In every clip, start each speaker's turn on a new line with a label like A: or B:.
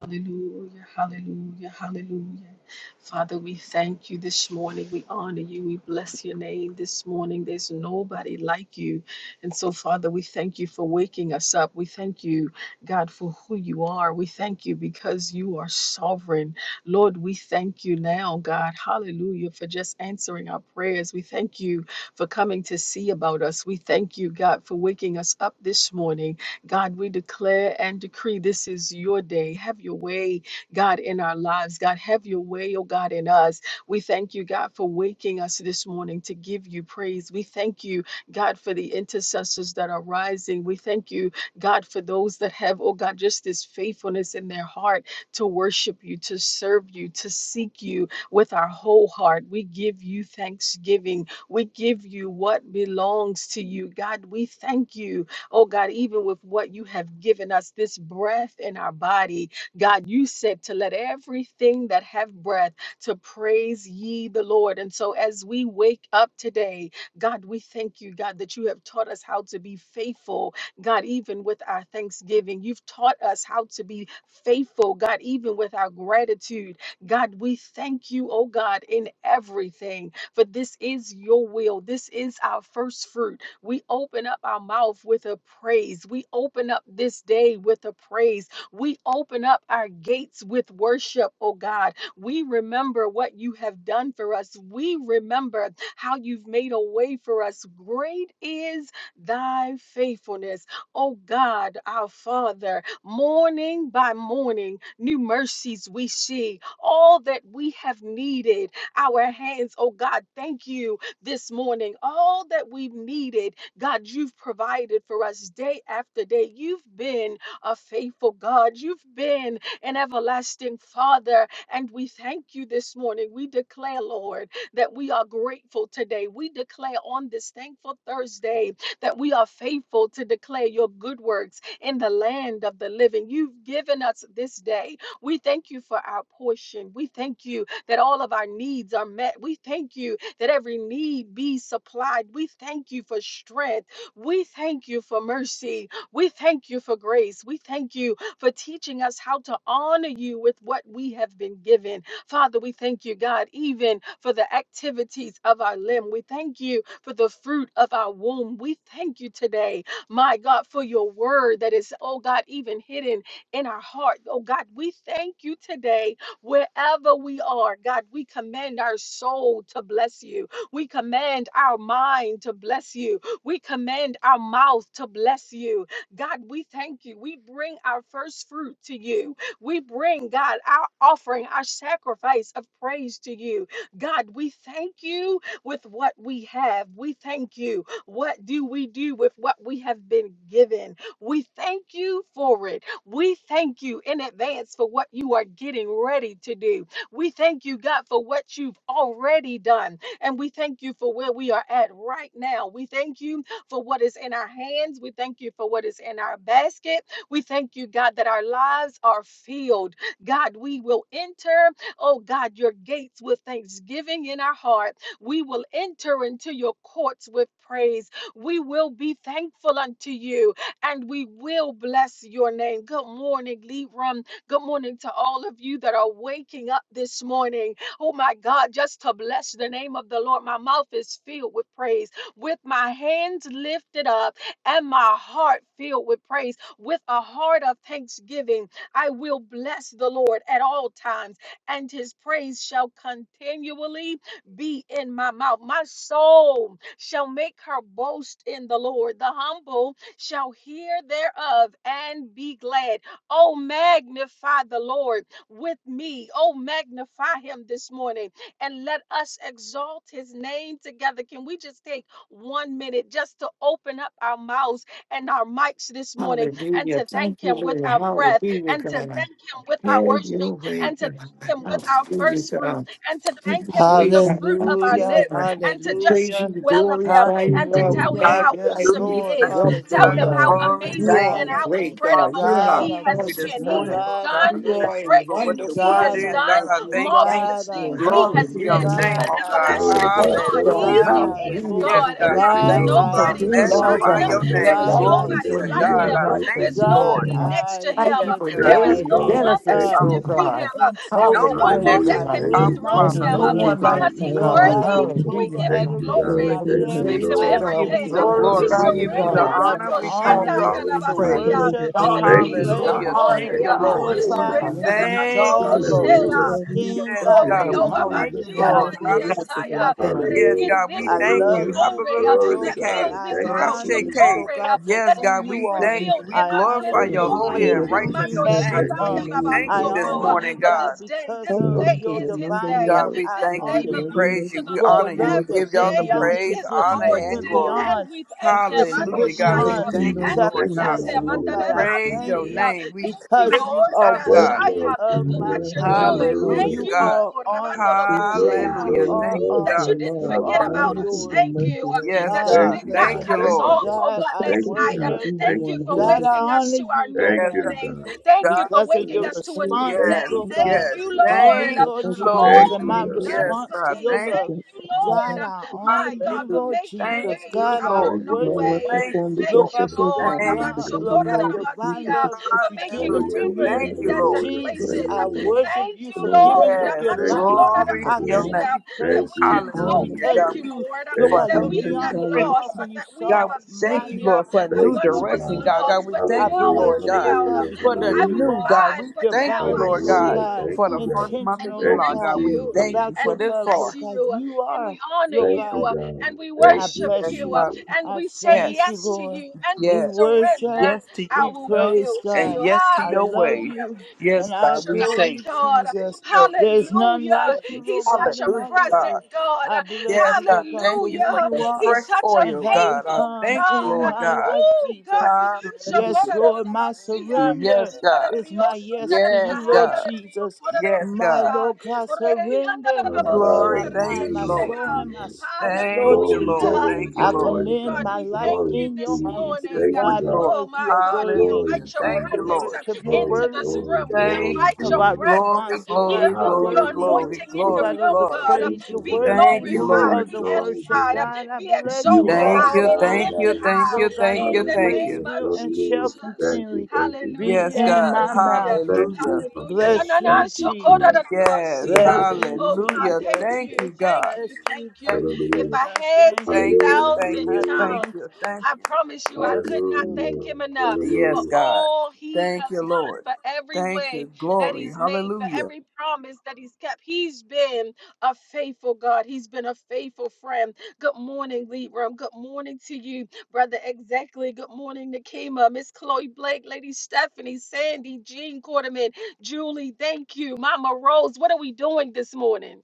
A: Hallelujah, hallelujah, hallelujah. Father, we thank you this morning. We honor you. We bless your name this morning. There's nobody like you. And so, Father, we thank you for waking us up. We thank you, God, for who you are. We thank you because you are sovereign. Lord, we thank you now, God. Hallelujah, for just answering our prayers. We thank you for coming to see about us. We thank you, God, for waking us up this morning. God, we declare and decree this is your day. Have your way, God, in our lives. God, have your way, oh God, in us. We thank you, God, for waking us this morning to give you praise. We thank you, God, for the intercessors that are rising. We thank you, God, for those that have, oh God, just this faithfulness in their heart to worship you, to serve you, to seek you with our whole heart. We give you thanksgiving. We give you what belongs to you. God, we thank you. Oh God, even with what you have given us, this breath in our body, God, you said to let everything that have breath to praise ye the Lord. And so as we wake up today, God, we thank you, God, that you have taught us how to be faithful. God, even with our thanksgiving, you've taught us how to be faithful. God, even with our gratitude. God, we thank you, oh God, in everything. For this is your will. This is our first fruit. We open up our mouth with a praise. We open up this day with a praise. We open up our gates with worship, oh God. We remember what you have done for us. We remember how you've made a way for us. Great is thy faithfulness, oh God, our Father. Morning by morning, new mercies we see. All that we have needed, our hands, oh God, thank you this morning. All that we've needed, God, you've provided for us day after day. You've been a faithful God. You've been an everlasting Father. And we thank you this morning. We declare, Lord, that we are grateful today. We declare on this thankful Thursday that we are faithful to declare your good works in the land of the living. You've given us this day. We thank you for our portion. We thank you that all of our needs are met. We thank you that every need be supplied. We thank you for strength. We thank you for mercy. We thank you for grace. We thank you for teaching us how to honor you with what we have been given. Father, we thank you, God, even for the activities of our limb. We thank you for the fruit of our womb. We thank you today, my God, for your word that is, oh God, even hidden in our heart. Oh God, we thank you today Wherever we are, God, we command our soul to bless you. We command our mind to bless you. We command our mouth to bless you. God, we thank you. We bring our first fruit to you. We bring, God, our offering, our sacrifice of praise to you. God, we thank you with what we have. We thank you. What do we do with what we have been given? We thank you for it. We thank you in advance for what you are getting ready to do. We thank you, God, for what you've already done. And we thank you for where we are at right now. We thank you for what is in our hands. We thank you for what is in our basket. We thank you, God, that our lives are filled. God, we will enter, oh God, your gates with thanksgiving in our heart. We will enter into your courts with praise. We will be thankful unto you and we will bless your name. Good morning, Libram. Good morning to all of you that are waking up this morning. Oh my God, just to bless the name of the Lord. My mouth is filled with praise, with my hands lifted up and my heart filled with praise, with a heart of thanksgiving. I will bless the Lord at all times, and his praise shall continually be in my mouth. My soul shall make her boast in the Lord. The humble shall hear thereof and be glad. Oh, magnify the Lord with me. Oh, magnify him this morning and let us exalt his name together. Can we just take one minute just to open up our mouths and our mics this morning and
B: Hallelujah.
A: to
B: Thank
A: thank
B: you,
A: him with
B: Lord.
A: our breath
B: Hallelujah,
A: and to
B: God.
A: thank him with our
B: Have
A: worship
B: your way,
A: and to
B: God.
A: thank him with our
B: Hallelujah,
A: first fruit
B: God.
A: and to
B: Have
A: thank him
B: your
A: with
B: way,
A: the
B: God.
A: fruit of
B: Thank
A: our
B: you,
A: lips
C: Hallelujah,
B: God.
A: and to
B: We
A: just
B: praise you,
C: hallelujah,
A: speak
B: we
A: well of him
B: glorify you,
A: and to
B: God. We
A: tell him
C: hallelujah.
A: how
B: magnify
C: Yes,
B: you, we
A: awesome he
D: Hallelujah.
B: lift
C: Lord,
A: is
D: Thank
B: you up,
E: Praise
D: you,
E: the
A: Tell
B: Lord
D: God.
A: him
C: hallelujah.
A: how
B: God.
E: Lord.
D: Glory.
B: You
A: amazing
D: Thank
B: are a
A: and
C: God, I
D: you.
A: how
C: thank
B: great
C: you.
B: God.
D: Father
A: incredible
D: God,
B: You're an
D: I
C: God,
A: he
C: I
D: thank
A: has
D: you
C: worship
B: awesome
D: this
A: been.
C: you.
A: He
D: morning,
B: God.
A: has
D: Lord
C: God, I
D: God. I
A: done
B: You
C: praise
D: thank
B: are a
C: you.
D: you
A: great
D: for what
A: things,
D: your
A: he
B: wonderful God.
D: word
C: God,
A: has
C: I
D: is.
B: And
D: God,
A: done
C: love
D: I
C: you.
B: we
D: thank you.
B: thank
A: marvelous
C: God,
B: you,
C: I
B: Lord.
A: things. He
C: adore
D: Glory
A: has
D: to
C: you.
B: Hallelujah,
D: your
A: been
E: Thank
D: name,
A: an
C: God,
B: God.
D: oh
C: I
D: God.
F: Glory
C: honor
A: everlasting
F: to
C: you.
B: Thank
F: God.
A: God.
B: you,
F: Thank you,
A: He
C: God,
D: Hallelujah.
B: God.
C: I
F: Jesus.
A: is
B: Hallelujah,
C: adore
B: God.
D: Yes,
A: God,
C: you.
A: and
D: God,
F: Thank
A: there
D: I
E: you,
F: you,
A: is
C: God,
B: Thank
D: thank
F: Lord
B: you
D: you.
E: Lord.
B: for
D: I
C: I
F: God.
A: nobody
B: being our
C: exalt
A: beside
D: magnify
C: you.
A: him.
F: Hallelujah.
D: your
B: God.
E: Thank
F: Thank
A: There
D: name.
F: you,
A: is
C: God,
F: thank
B: Thank
C: I
F: you,
B: you
E: you,
D: Glory
A: nobody
B: for
F: thank
D: to
F: you,
C: esteem
A: like
D: God.
A: him.
F: God.
C: you.
B: leading
D: I
B: us,
F: Thank
D: thank
F: you,
A: There's
D: you,
B: Lord
C: God,
D: Lord.
A: nobody
F: Jesus.
B: God.
E: Lord.
A: next to
C: I
B: Thank
A: him.
D: Yes,
B: you
C: lift
B: for
F: Thank
D: God.
A: There
D: No
A: is
F: you,
C: my
B: daily
A: no
D: one
F: Father.
C: hands
A: one
D: next to you,
A: that
F: Thank
A: can
B: benefits,
C: up
D: our
B: Lord
F: you, God.
A: defeat
B: God.
A: him.
C: in
D: Father.
A: There is
C: total
D: No
A: no
D: one
B: Hallelujah,
A: one
C: praise.
D: next
A: that
D: to
F: Hallelujah.
C: I
D: you,
A: can
B: God.
F: Thank
C: lift
D: our
F: you,
C: my
F: God.
A: dethrone
B: There's
D: Father.
A: him
B: no
C: hands
F: Thank
G: Hallelujah,
C: up,
F: you,
B: one
G: God.
B: like
A: because
B: you,
A: he's
F: Jesus.
C: Lord
D: Hallelujah.
B: God.
G: Hallelujah,
C: God,
A: worthy.
D: Thank
C: in
G: Jesus.
D: you,
A: We
B: Hallelujah,
C: total
A: give him
F: Thank
D: Jesus.
B: God.
F: you,
C: adoration.
F: God.
A: glory.
G: Glory
C: I
B: And
G: to
B: we
F: Thank
G: your
A: We
C: lift
F: you,
A: give
G: name.
A: him
B: praise you,
C: my
D: We
F: Lord.
B: God. We
D: give
G: God,
D: you
C: hands
G: we
A: everything.
D: the
C: up.
G: lift you
A: We
D: glory.
G: up
B: glorify
D: We
G: this
B: you,
D: give
F: Hallelujah.
G: morning
D: you the
A: surrender
C: Lord
G: and
B: God.
C: God,
D: honor.
C: to
D: We give
G: magnify
D: you
C: honor,
G: you.
D: all
F: Yes,
D: the
B: Hallelujah,
C: to
G: We
B: God.
D: praise.
A: Shandayarabasia,
G: praise
F: Jesus.
G: your
C: worship,
A: to the
B: God
G: holy
C: to
F: Thank
G: name,
F: you,
B: is
G: your
A: King
B: an
A: of
C: praise,
F: Lord.
D: Hallelujah.
G: Heavenly
D: Thank
B: honor,
G: Father.
A: glory.
C: to
F: Thank
D: you,
A: uh,
F: you,
B: God.
D: Lord.
A: We
B: Hey,
F: Father
G: Oh,
F: God.
G: we
C: glorify,
A: surrender
G: love
C: to
A: the
G: you
D: Thank
C: exalt,
D: you,
G: today.
B: God.
D: Lord.
G: We
C: to
F: Hallelujah.
G: love
A: Bandoroboshea, to
G: you
A: the
C: esteem.
D: Yes,
C: God,
G: every
F: Thank
C: I
A: glory
D: God.
F: you,
D: We
A: oh,
G: day.
C: thank you.
D: thank
F: Jesus.
D: you,
G: We
A: Gabasia,
C: I
B: Hallelujah.
G: love
D: Lord.
G: you
A: the
D: Hallelujah.
C: worship you.
A: Yesaya,
C: I
G: yesterday,
A: that
C: praise
G: Heavenly
A: is
D: Yes,
C: you.
F: Hallelujah.
G: Father.
A: in
D: God. We
A: this
C: I
D: thank
A: room, the
C: love
D: you.
G: God,
F: Hallelujah.
C: you.
A: glory uh,
D: Habakkuk,
F: Glory to
C: Lord
A: that
C: God,
F: God.
A: fills this
C: I
F: Thank you,
A: house,
G: give
C: honor
A: the
G: us,
C: you,
F: Jesus.
D: Rashake.
C: Lord
A: glory uh,
C: God, for
D: Yes,
A: that is
C: who
D: God.
C: you
A: being
D: We
G: give
C: are.
D: thank
G: us
D: you.
A: revealed
D: We
A: in
C: I
A: us.
C: honor
A: His
D: glorify
C: you,
F: Thank
D: your
C: Lord
F: you,
G: grace,
C: God,
D: holy
A: glory,
G: give
C: for
D: and
G: us
C: who
F: Jesus.
C: you
D: righteous
A: Mando
E: Thank
D: name,
C: have
G: mercy
F: Thank
E: you,
G: right
D: God.
F: you,
C: become.
D: We
G: now,
D: thank
C: I
G: Heavenly
D: you
F: Jesus.
D: this
C: honor
A: Shandayarabasoko,
G: Father.
A: uh,
C: you,
D: morning,
A: for this
D: God.
C: God,
A: day.
C: because
A: This
G: Help
C: of
G: us
E: Lord. Praise
A: day
G: to
C: your
A: is his
G: remember
C: divine
G: your
A: day. uh,
D: God,
C: love.
G: word,
D: we
C: I
A: This
D: thank
G: God,
D: you.
A: day
G: so
C: honor
D: We
G: that we
C: you
A: belongs
G: may
D: praise
A: to
D: you.
A: the
D: We
C: for
G: not
C: the
A: Lord
D: honor you.
G: be
C: love
D: We
G: able to
A: every
D: give
C: that
D: y'all
C: went
G: sin
A: day.
D: the
A: uh,
G: against
C: beyond
G: you.
D: praise,
A: is the
C: tradition,
D: honor,
C: that
A: Lord's
D: and
C: went
A: day,
F: Hallelujah.
D: glory.
C: beyond
A: and we thank Him,
C: condition.
A: and
C: We're
D: Hallelujah, God.
F: Yes,
G: God,
D: We
A: Oshaya,
C: beyond
G: you
D: thank
G: know
D: you,
F: Jesus.
A: and
G: what
A: we
D: Lord
F: Thank
G: we
F: you,
D: God.
G: are
A: bless
G: in
A: Him,
F: God.
C: sacrificing,
G: need
C: oh
A: and
G: of.
A: da-
C: God.
A: da-
C: I
F: Hallelujah,
A: da-
D: Praise
C: thank
D: your
A: see.
F: people.
C: you
A: uh,
D: name. We
A: Thank you,
C: because
D: lift
C: you
A: Lord,
D: you
C: are
A: da-
D: up,
A: da-
F: Yes,
D: God.
C: worthy
A: Shaya,
F: Lord
E: the
C: of
A: for
C: my
A: what
F: Jesus.
G: Blessed
A: you're
E: Lord.
C: praise.
G: Heavenly
A: doing.
G: Father,
F: Hallelujah.
A: Thank
D: Hallelujah,
G: that
C: You
A: you,
G: you
D: God.
C: are
A: Lord,
C: honored,
A: Rabando
G: feed
C: oh
G: us,
C: God.
G: that
F: Glory,
A: Robinshaya,
C: You
D: Hallelujah.
F: glory,
G: surround
C: are
D: Thank
G: us
A: Ooh,
G: with
F: glory.
D: you,
A: that
G: your
D: God.
A: you
C: honored.
A: didn't
G: love,
C: You
A: forget
C: are
G: surround
A: about
F: Hallelujah,
G: us with
A: us.
C: adored.
G: your
A: Thank
F: Jesus.
G: mercy
A: you uh,
G: right
D: Yes,
G: now,
A: that
C: God,
A: you
C: I
D: God.
G: Heavenly
F: Thank
A: did
F: you,
C: bless
A: not
G: Father.
D: Thank
C: your
F: God.
D: you,
A: cut
C: name.
A: us
F: Thank
D: Lord.
F: you,
A: off,
F: God.
A: oh
C: God,
A: God,
C: I
A: last
F: Thank
G: Protect us
F: you,
A: night.
G: from
A: Um,
G: the
F: God.
C: worship.
G: evil
F: Thank
A: Thank you
G: one,
F: you,
A: for
C: God, I
G: whoever,
F: Jesus.
A: waking us
C: honor
A: to our
C: you,
A: new
C: Lord
F: Thank
D: Yes,
C: God
D: God.
F: you,
A: morning.
F: God.
D: Thank you,
A: Thank you
D: God.
A: for
C: because of
A: waking
C: your
A: us to a
G: whoever,
A: new
C: response,
F: Thank
A: day.
D: Yes,
F: you,
C: Lord
A: Thank
C: God,
D: yes.
A: you,
F: Jesus.
G: whoever-
C: to
A: Lord,
C: me,
D: Thank
A: uh,
C: Lord
D: you,
A: for
G: whatever he
D: Lord.
C: Jesus,
G: may
F: Thank
A: all
C: and
F: you,
C: my
A: you've
F: God.
G: conjure up
A: done
D: Yes,
A: for
C: response to
D: God.
A: me.
C: your
D: Thank you.
C: love.
A: Thank
G: against
A: you,
G: us right
A: Lord.
C: God,
A: uh,
G: now.
C: I honor
A: my God,
C: you,
A: for
D: Hallelujah.
C: Lord
A: making
D: Thank
C: Jesus.
A: ways
D: you,
C: God,
A: out
C: I
A: of
D: Lord.
F: Thank
A: no
F: you,
G: No
C: worship
F: God.
A: way.
G: weapon
C: you,
D: Thank
G: formed
D: you,
C: Lord
D: Lord.
A: Thank
G: against
A: you,
C: God,
G: us
F: Thank
C: for
G: will
F: you,
C: the
A: Lord,
D: Thank
G: prosper,
C: God,
G: because we
C: Lord
F: Jesus.
C: God,
D: Lord.
G: know that you
C: divine
G: give
A: Abachokorarabasiya,
G: us
C: love that
G: the,
A: for
C: you've
A: making
C: given to
D: Hallelujah.
F: Hallelujah,
A: rivers
C: me.
G: the
D: Thank
A: in
D: you,
A: desert
D: Lord.
F: hallelujah,
C: Jesus,
A: places.
G: grace,
C: I
A: Um,
G: the
F: hallelujah.
C: worship
A: Thank
C: you
A: you,
C: for
G: glory,
C: giving
A: Lord,
C: up
G: the,
D: Yes,
C: your
F: Thank
C: life.
F: you,
D: glory
G: the
C: I
D: to your
C: give
G: honor,
F: Jesus.
D: name.
A: Amanchokorarabasiya,
C: you
A: that
F: Thank
C: praise,
A: we
G: the
F: you,
A: have
C: Jesus,
A: hope.
G: honor,
D: Hallelujah,
C: because
A: Thank
D: God.
A: you,
F: Jesus.
D: We
C: you,
D: thank
A: Lord, um,
D: you
C: Lord
F: Thank
G: the
D: for
C: God,
A: that
D: help
A: we
C: looked
F: you,
G: helmet
D: and
G: of
A: are not
C: beyond the
F: Jesus.
D: strength,
A: lost,
C: cross
G: salvation.
D: God.
A: but
C: and you
A: that we have
D: God,
C: saw
D: we
A: a
C: my
D: thank you,
C: need,
A: Savior.
D: Lord, for a
A: I
D: new
F: Thank
C: Jesus.
A: once
F: you,
A: was
D: direction,
F: God.
D: God.
C: Hallelujah.
D: God,
A: lost,
D: we
A: but
C: I
D: thank
G: God,
D: you,
A: now
F: Hallelujah,
D: Lord,
G: we
C: bless you,
A: I'm
D: God,
C: Lord
A: found. Um,
C: God,
F: hallelujah,
D: for the
C: because
A: I was
C: you
F: hallelujah,
D: new,
C: are
D: God.
A: blind,
D: We
A: but
D: thank
A: now
D: you,
A: I
C: divinely,
D: Lord,
C: Lord
G: cover
D: God,
F: hallelujah.
A: see.
C: God,
F: Thank
D: for
F: you,
D: the first
F: God.
D: month
A: And
D: of
C: intentional,
A: we
C: Lord
F: Thank
D: July,
F: you,
A: thank
D: God.
C: God,
D: We
A: you,
F: Jesus.
D: thank you
C: about
D: for
A: and
C: your
A: we
D: this
C: love,
A: bless
C: Lord
D: far.
C: God.
A: you,
C: You
A: and
C: are,
A: we honor
C: Lord
F: Thank
A: you,
F: you,
C: God.
F: God.
A: and we
F: Thank
C: I
F: you,
A: worship
D: Yes,
C: bless
A: you,
C: you.
D: God.
F: Jesus.
D: We
A: and
D: say
C: I
A: we say
C: thank
D: yes,
C: you,
A: yes to
C: Lord.
A: you, and we
C: We
D: yes,
C: worship,
A: surrender
D: yes to
A: our
C: we
D: your will
A: will
C: praise
A: to you.
D: and
C: God.
D: yes to
C: I
D: your
C: love
D: way.
A: Hallelujah.
C: you
D: Yes,
A: He's
C: and I
D: God.
A: such a
D: We
C: adore
A: good
D: say
C: you,
A: God.
C: Jesus.
D: your will is
C: There's none like
A: Hallelujah.
C: you,
D: ways.
A: He's
C: Lord God,
A: such
C: in
D: Hallelujah,
A: a
C: all the
A: present
D: God.
C: earth.
A: God.
C: I bless
D: Yes,
C: you,
D: God,
C: Lord God,
D: thank
C: for
D: you
C: who
D: for
A: Hallelujah.
D: your
C: you
A: He's
C: are
D: fresh
A: such a
C: and
D: oil,
C: have
D: God. I
A: faithful
C: become
D: thank you,
C: in
A: God.
D: Lord
C: my
D: God.
C: life,
A: Oh, God,
C: Jesus.
A: we
C: Yes,
D: Hallelujah, God.
C: Lord, my
D: We Thank
A: mention
D: you.
C: surrender
D: Yes,
C: is
D: God.
C: my yes to you,
D: Yes,
C: Lord
D: God.
C: Jesus.
D: Yes,
C: My
D: God.
C: Lord God, surrender of my
D: Glory. Thank
C: mind,
D: you,
C: my
F: Hallelujah,
D: Lord.
C: soul, and my
F: Jesus.
C: spirit,
D: Thank
C: Lord
D: you,
A: Hallelujah,
F: Glory,
D: Lord.
C: Jesus.
A: God.
F: glory,
D: Thank you,
C: I
A: Oh,
D: Lord.
F: glory,
C: commend
A: God,
F: God.
C: my
A: we
C: life
A: thank
F: Glory,
A: you
C: in
A: this
C: your
D: Thank
F: Jesus.
C: hands.
D: you this
A: morning.
F: Thank you,
C: Why?
D: morning,
F: God.
D: Lord.
A: Oh,
C: Because
A: my
C: you are
A: God, we
C: worthy
F: Glory,
D: Hallelujah.
A: invite your
C: of
D: Thank
C: the
D: you,
F: Jesus.
A: presence
D: Lord.
A: uh,
C: worship. You're
A: into
F: Glory,
A: this
C: worthy
F: glory,
A: room. We
D: Thank
F: glory,
A: invite
C: of
D: you.
A: your
C: our
F: glory.
A: presence. uh,
D: Glory,
C: response, Lord
A: We
C: God.
D: glory,
C: You're
A: invite your
D: glory,
C: worthy,
F: Hallelujah,
D: glory,
A: anointing in
C: Lord
A: the
D: glory,
C: God, of
F: Jesus.
A: room,
C: the
D: glory.
A: God. Um,
F: Thank
C: praise. You're
F: you,
A: Be
F: Lord.
C: worthy
D: Thank you,
A: glorified,
F: Glory,
D: Lord.
C: of
A: be
C: the
F: glory,
C: worship.
A: edified, uh,
F: glory.
C: God, I
A: be
C: bless
F: You
C: you
A: exalted
C: at
F: are
D: Thank
A: high,
C: all
D: you,
A: be
F: God all
D: thank
C: times.
F: by
D: you,
A: lifted
D: thank
A: high
D: you,
F: yourself.
C: Lord God,
D: thank
C: in
A: in
D: you,
C: your
A: the
D: thank
C: praise
D: you.
A: name
F: Hallelujah,
A: of
C: will and shall
F: hallelujah.
A: Jesus.
F: Thank you,
C: continually
F: thank you,
C: be
D: Yes,
A: Hallelujah.
F: Jesus.
C: in
D: God.
C: my
A: Hallelujah.
C: mouth.
F: Thank you,
D: Hallelujah.
A: Hallelujah.
F: Papa.
A: Na, na,
C: Bless
A: na,
C: you,
F: Thank you,
A: so cold, da, da,
F: Jesus.
C: Jesus.
A: da, ba,
D: Yes,
A: see ya.
C: Bless you,
A: Oh God,
D: hallelujah.
C: Jesus.
A: thank
D: Thank
A: you,
D: you,
A: thank
D: God.
A: you,
C: Bless
A: thank
C: you,
A: you.
D: Thank you,
A: If
C: Jesus.
F: Hallelujah,
A: I
C: I
A: had
C: thank
A: 10,000
C: you.
D: thank you,
F: hallelujah,
D: thank you, thank
C: I
D: you,
F: hallelujah,
D: thank
C: thank
A: tongues,
D: you. thank
A: I
D: you.
A: promise
C: you.
A: you I
C: Yes,
A: could not
C: Lord.
A: thank
F: hallelujah,
A: him enough for
D: Yes,
F: hallelujah.
D: God.
A: all he
D: Thank
A: has
D: you,
A: done,
D: Lord.
A: for every
D: Thank
A: way
D: you.
A: that
D: Glory.
A: he's made, for
D: Hallelujah.
A: every promise that he's kept. He's been a faithful God. He's been a faithful friend. Good morning, Libram. Good morning to you, Brother Exactly. Good morning, Nakima, Miss Chloe Blake, Lady Stephanie, Sandy, Jean Quarterman. Julie, thank you. Mama Rose, what are we doing this morning?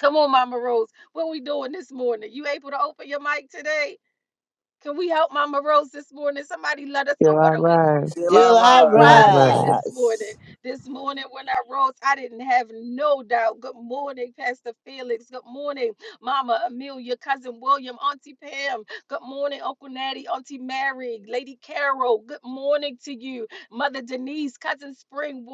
A: Come on, Mama Rose. What are we doing this morning? You able to open your mic today? Can we help Mama Rose this morning? Somebody let us know.
E: You're
A: What
E: all
A: are we?
E: right.
D: Till
A: We
D: I
C: Do I
A: still
E: You're all
D: rise.
E: right.
A: rising this morning.
C: rise?
A: This morning when I rose, I didn't have no doubt. Good morning, Pastor Felix. Good morning, Mama Amelia, Cousin William, Auntie Pam. Good morning, Uncle Natty, Auntie Mary, Lady Carol. Good morning to you, Mother Denise, Cousin Springwater.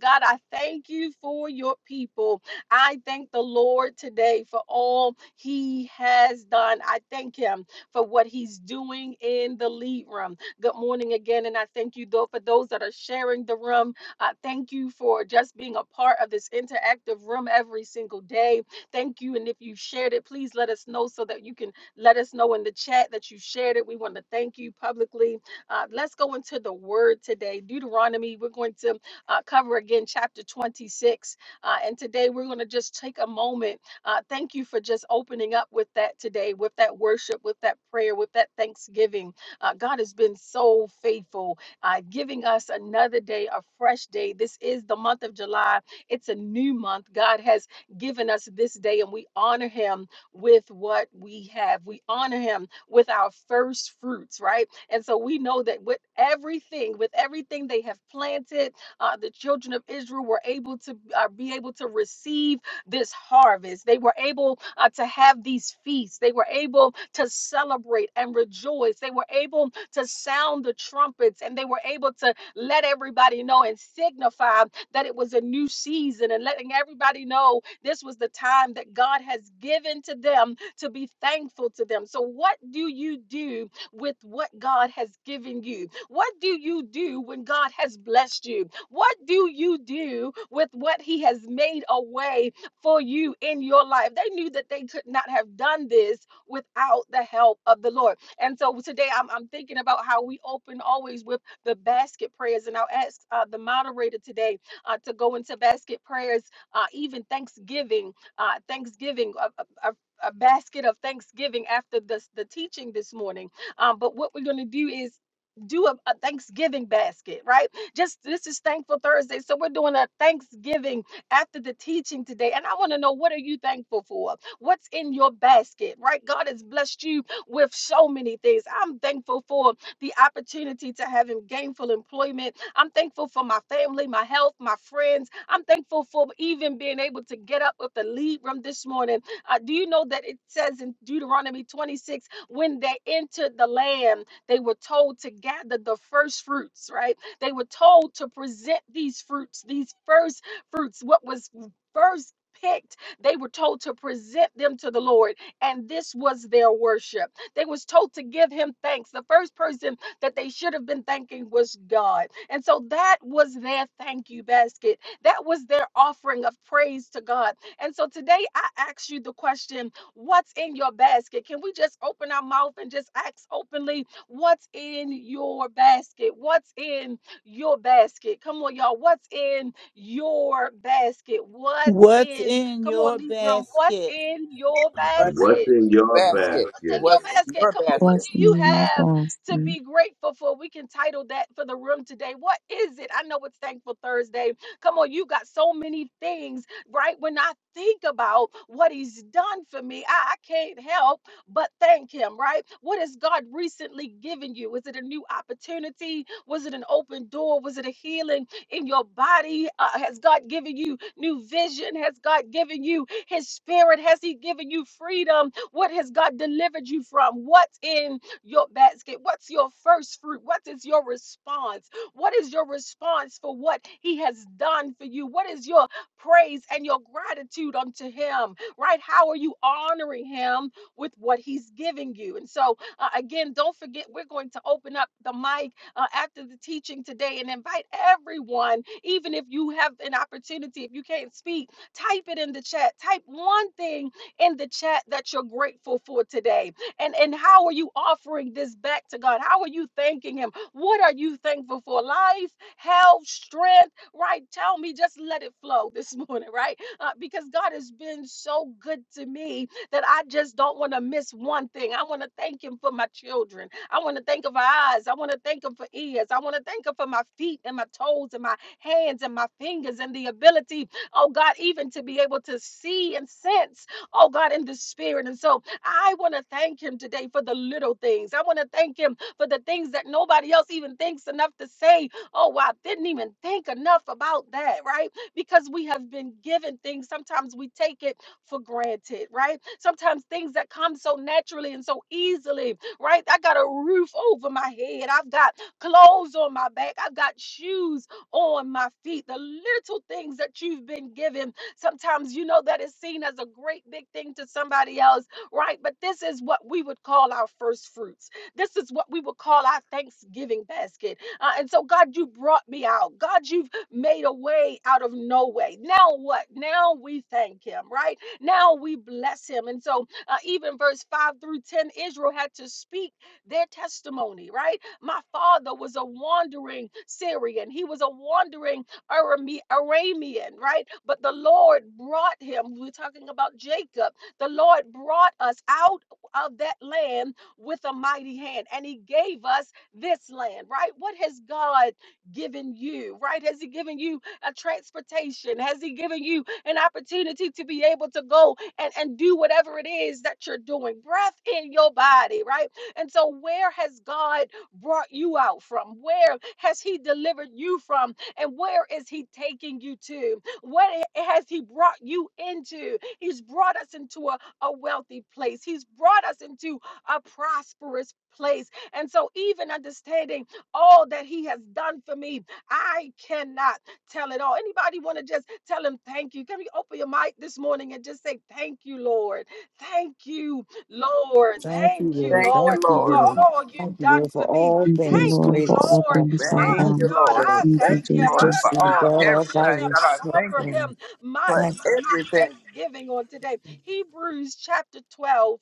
A: God, I thank you for your people. I thank the Lord today for all he has done. I thank him for what he's doing in the lead room. Good morning again. And I thank you, though, for those that are sharing the room. I thank you for just being a part of this interactive room every single day. Thank you. And if you shared it, please let us know so that you can let us know in the chat that you shared it. We want to thank you publicly. Uh, let's go into the word today. Deuteronomy, we're going to uh, cover again chapter 26. Uh, and today we're going to just take a moment uh, thank you for just opening up with that today, with that worship, with that prayer, with that thanksgiving. Uh, God has been so faithful, uh, giving us another day, a fresh day. This is the month of July. It's a new month. God has given us this day, and we honor Him with what we have. We honor Him with our first fruits, right? And so we know that with everything, with everything they have planted, uh, the children of Israel were able to uh, be able to receive this harvest. They were able uh, to have these feasts. They were able to celebrate and rejoice. They were able to sound the trumpets and they were able to let everybody know and signify that it was a new season and letting everybody know this was the time that God has given to them to be thankful to them. So, what do you do with what God has given you? What do you do when God has blessed you? What do you do with what He has made a way for you in your life. They knew that they could not have done this without the help of the Lord. And so today I'm, I'm thinking about how we open always with the basket prayers. And I'll ask uh, the moderator today uh, to go into basket prayers, uh, even Thanksgiving, uh, Thanksgiving, a, a, a a basket of Thanksgiving after this, the teaching this morning. Um, but what we're going to do is do a, a Thanksgiving basket, right? Just this is Thankful Thursday. So we're doing a Thanksgiving after the teaching today. And I want to know what are you thankful for? What's in your basket, right? God has blessed you with so many things. I'm thankful for the opportunity to have gainful employment. I'm thankful for my family, my health, my friends. I'm thankful for even being able to get up with the lead room this morning. Uh, do you know that it says in Deuteronomy 26 when they entered the land, they were told to gather the first fruits, right? They were told to present these fruits, these first fruits, what was first picked they were told to present them to the lord and this was their worship they was told to give him thanks the first person that they should have been thanking was god and so that was their thank you basket that was their offering of praise to god and so today i ask you the question what's in your basket can we just open our mouth and just ask openly what's in your basket what's in your basket. Come on, y'all. What's in your basket? What's
C: What's
A: in,
C: in
A: come on,
C: your
A: leave room, what's
C: basket?
A: in your
D: What's in
F: What's
A: basket?
F: in
D: the
F: your
D: basket?
A: what's in
F: basket?
A: your
D: What's in
A: basket?
D: your
A: Come on, what
D: basket?
H: Bless the
A: do you
H: name of
A: have to
H: Pastor.
A: be grateful for? We can title that for the room today. What is it? I know it's Thankful Thursday. Come on, you got so many things, right? When I think about what he's done for me, I, I can't help but thank him, right? What has God recently given you? Is it a new opportunity? Was it an open door? Was it a healing in your body? Uh, has God given you new vision? Has God given you his spirit has He given you freedom? What has God delivered you from? What's in your basket? What's your first fruit? What is your response? What is your response for what He has done for you? What is your praise and your gratitude unto Him? Right? How are you honoring Him with what He's giving you? And so, uh, again, don't forget, we're going to open up the mic uh, after the teaching today and invite everyone, even if you have an opportunity, if you can't speak Type it in the chat. Type one thing in the chat that you're grateful for today. And and how are you offering this back to God? How are you thanking him? What are you thankful for? Life, health, strength, right? Tell me, just let it flow this morning, right? Uh, because God has been so good to me that I just don't want to miss one thing. I want to thank Him for my children. I want to thank Him for eyes. I want to thank Him for ears. I want to thank Him for my feet and my toes and my hands and my fingers and the ability oh God, even to be able to see and sense, oh God, in the spirit. And so I want to thank him today for the little things. I want to thank him for the things that nobody else even thinks enough to say. Oh, well, I didn't even think enough about that, right? Because we have been given things. Sometimes we take it for granted, right? Sometimes things that come so naturally and so easily, right? I got a roof over my head. I've got clothes on my back. I've got shoes on my feet. The little things that you've been given. Sometimes you know that is seen as a great big thing to somebody else, right? But this is what we would call our first fruits. This is what we would call our Thanksgiving basket. Uh, and so, God, you brought me out. God, you've made a way out of no way. Now what? Now we thank Him, right? Now we bless Him. And so, uh, even verse 5 through 10, Israel had to speak their testimony, right? My father was a wandering Syrian. He was a wandering Arame- Aramean, right? But the Lord brought him. We're talking about Jacob. The Lord brought us out of that land with a mighty hand, and He gave us this land, right? What has God given you, right? Has He given you a transportation? Has He given you an opportunity to be able to go and, and do whatever it is that you're doing? Breath in your body, right? And so, where has God? brought you out from? Where has He delivered you from? And where is He taking you to? What has He brought you into? He's brought us into a, a wealthy place, He's brought us into a prosperous place. And so, even understanding all that He has done for me, I cannot tell it all. Anybody want to just tell Him thank you? Can we open your mic this morning and just say, Thank you, Lord. Thank you, Lord.
B: Thank
A: Thank
B: you,
A: you,
B: Lord.
D: Thank
A: Lord
D: you,
B: Thank you,
A: for
D: Lord.
B: Lord.
A: all you've
B: Thank you,
A: done
B: Lord, for
A: for me.
B: all
H: Thank you,
B: things,
A: Thank
H: Lord,
A: you,
B: great
H: for
B: and
H: all
A: Lord.
B: small
H: things,
A: My
B: things.
H: Father
D: Thank
B: Thank
D: you,
B: you,
H: God.
A: God,
D: Lord.
A: I
B: Lord,
H: Thank
D: Thank
H: you,
A: thank
D: you,
A: him.
D: Lord,
B: just
H: Jesus.
D: for
B: being
A: I,
D: all
A: I
B: God all
D: everything.
A: worship
B: by
A: him.
D: God,
A: I
D: I
B: yourself.
D: thank
A: offer
D: you
B: And
A: him, my
D: for
B: Thank
A: God,
B: you
A: my
D: everything.
A: thanksgiving on today. Hebrews chapter 12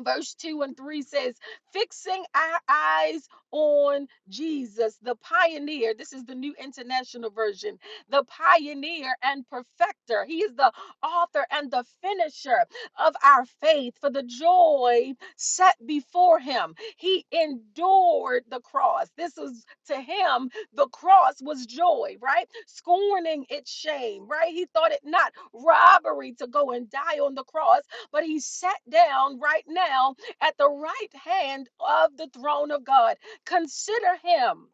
A: verse 2 and 3 says, Fixing our eyes on Jesus, the pioneer. This is the New International Version. The pioneer and perfecter. He is the author and the finisher of our faith for the joy set before him. He endured the cross. This is to him, the cross was joy, right? Scorning its shame, right? He thought it not robbery to go and die on the cross but he's sat down right now at the right hand of the throne of God. Consider him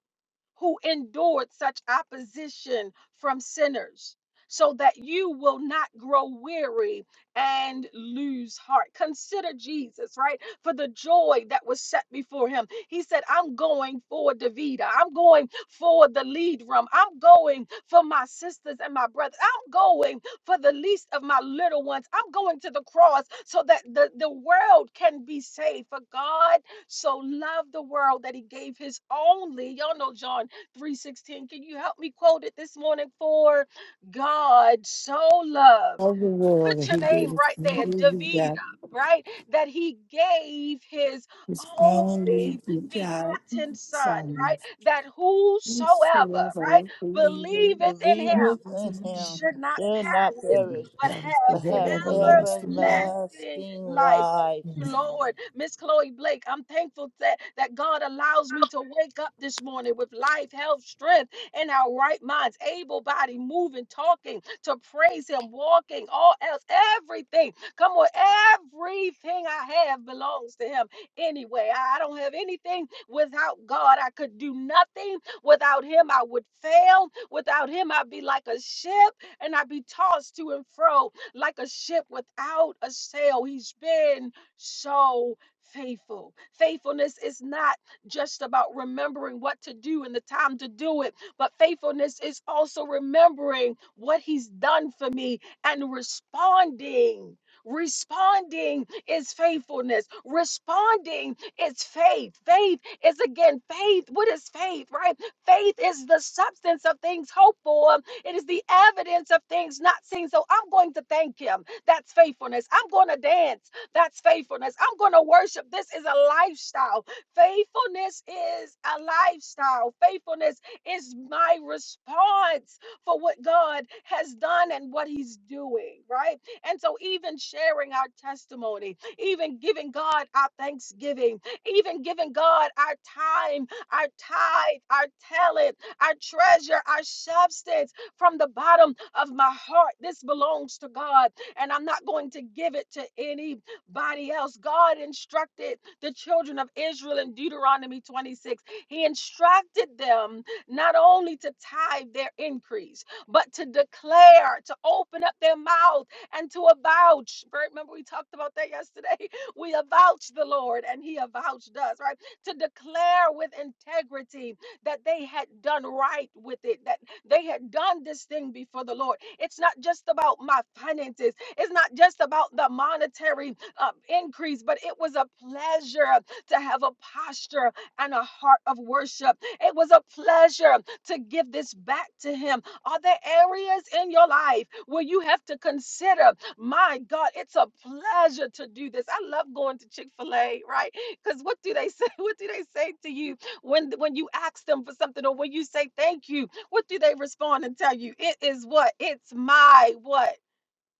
A: who endured such opposition from sinners, so that you will not grow weary and lose heart. Consider Jesus, right? For the joy that was set before him. He said, I'm going for Davida. I'm going for the lead room. I'm going for my sisters and my brothers. I'm going for the least of my little ones. I'm going to the cross so that the, the world can be saved. For God so loved the world that he gave his only y'all know john 3.16 can you help me quote it this morning for god so loved
B: for all the world that
A: put your
B: He
A: name
B: gave us.
A: right
B: He
A: there
B: really
A: davida
B: got
A: right that he gave his
B: His only
A: only begotten
B: begotten
A: son right
B: Son.
A: that whosoever right
B: Whosoever believes
A: believeth in
B: in
A: him
C: Believers in
B: His
C: him
B: name
A: should not
C: shall not
A: perish
B: will
C: perish,
A: but
B: have
A: have
C: but
B: forever
C: have
B: everlasting life.
A: everlasting
C: everlasting
A: life.
C: life.
A: you, Lord. Miss Chloe Blake, I'm thankful that, that God allows me to wake up this morning with life, health, strength, and our right minds, able body, moving, talking, to praise Him, walking, all else, everything. Come on, everything I have belongs to Him anyway. I I don't have anything without God. I could do nothing without Him. I would fail. Without Him, I'd be like a ship and I'd be tossed to and fro like a ship without a sail. He's been so faithful. Faithfulness is not just about remembering what to do and the time to do it, but faithfulness is also remembering what he's done for me and responding. Responding is faithfulness. Responding is faith. Faith is again faith. What is faith, right? Faith is the substance of things hoped for it is the evidence of things not seen. So I'm going to thank him. That's faithfulness. I'm going to dance. That's faithfulness. I'm going to worship. This is a lifestyle. Faithfulness is a lifestyle. Faithfulness is my response for what God has done and what he's doing, right? And so, even sharing our testimony, even giving God our thanksgiving, even giving God our time, our tithe, our talent, our treasure, our substance from the bottom of my heart. This belongs to God, and I'm not going to give it to anybody else. God instructed the children of Israel in Deuteronomy 26, He instructed them not only to tithe their increase, but to declare, to open up their mouth, and to avouch. Right, Remember, we talked about that yesterday. We avouch the Lord, and He avouched us, right? To declare with integrity that they had done right with it, that they had done this thing before the Lord. It's not just about my finances, it's not just about the monetary uh, increase, but it was a pleasure to have a posture and a heart of worship. It was a pleasure to give this back to Him. Are there areas in your life where you have to consider, my God, it's a pleasure to do this? I love going to Chick fil A, right? Because what do they say? What do they say to you when, when you ask them for something or when you say thank you? what do they respond and tell you? It is what? It's my what?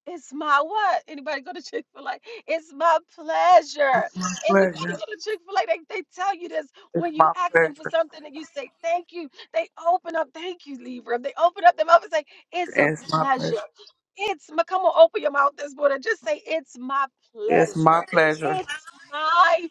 A: It's my what? Anybody go to Chick fil A? It's my pleasure. Anybody
D: pleasure.
A: go to Chick fil A? They, they tell you this
D: It's
A: when you
D: my
A: ask them for
D: pleasure.
A: something and you say, Thank you. They open up, Thank you, Libra. They open up their mouth and say, It's a
D: It's my
A: pleasure.
D: pleasure.
A: It's my come on, open your mouth this morning. Just say, It's my
D: It's my
A: pleasure.
D: pleasure.
A: It's my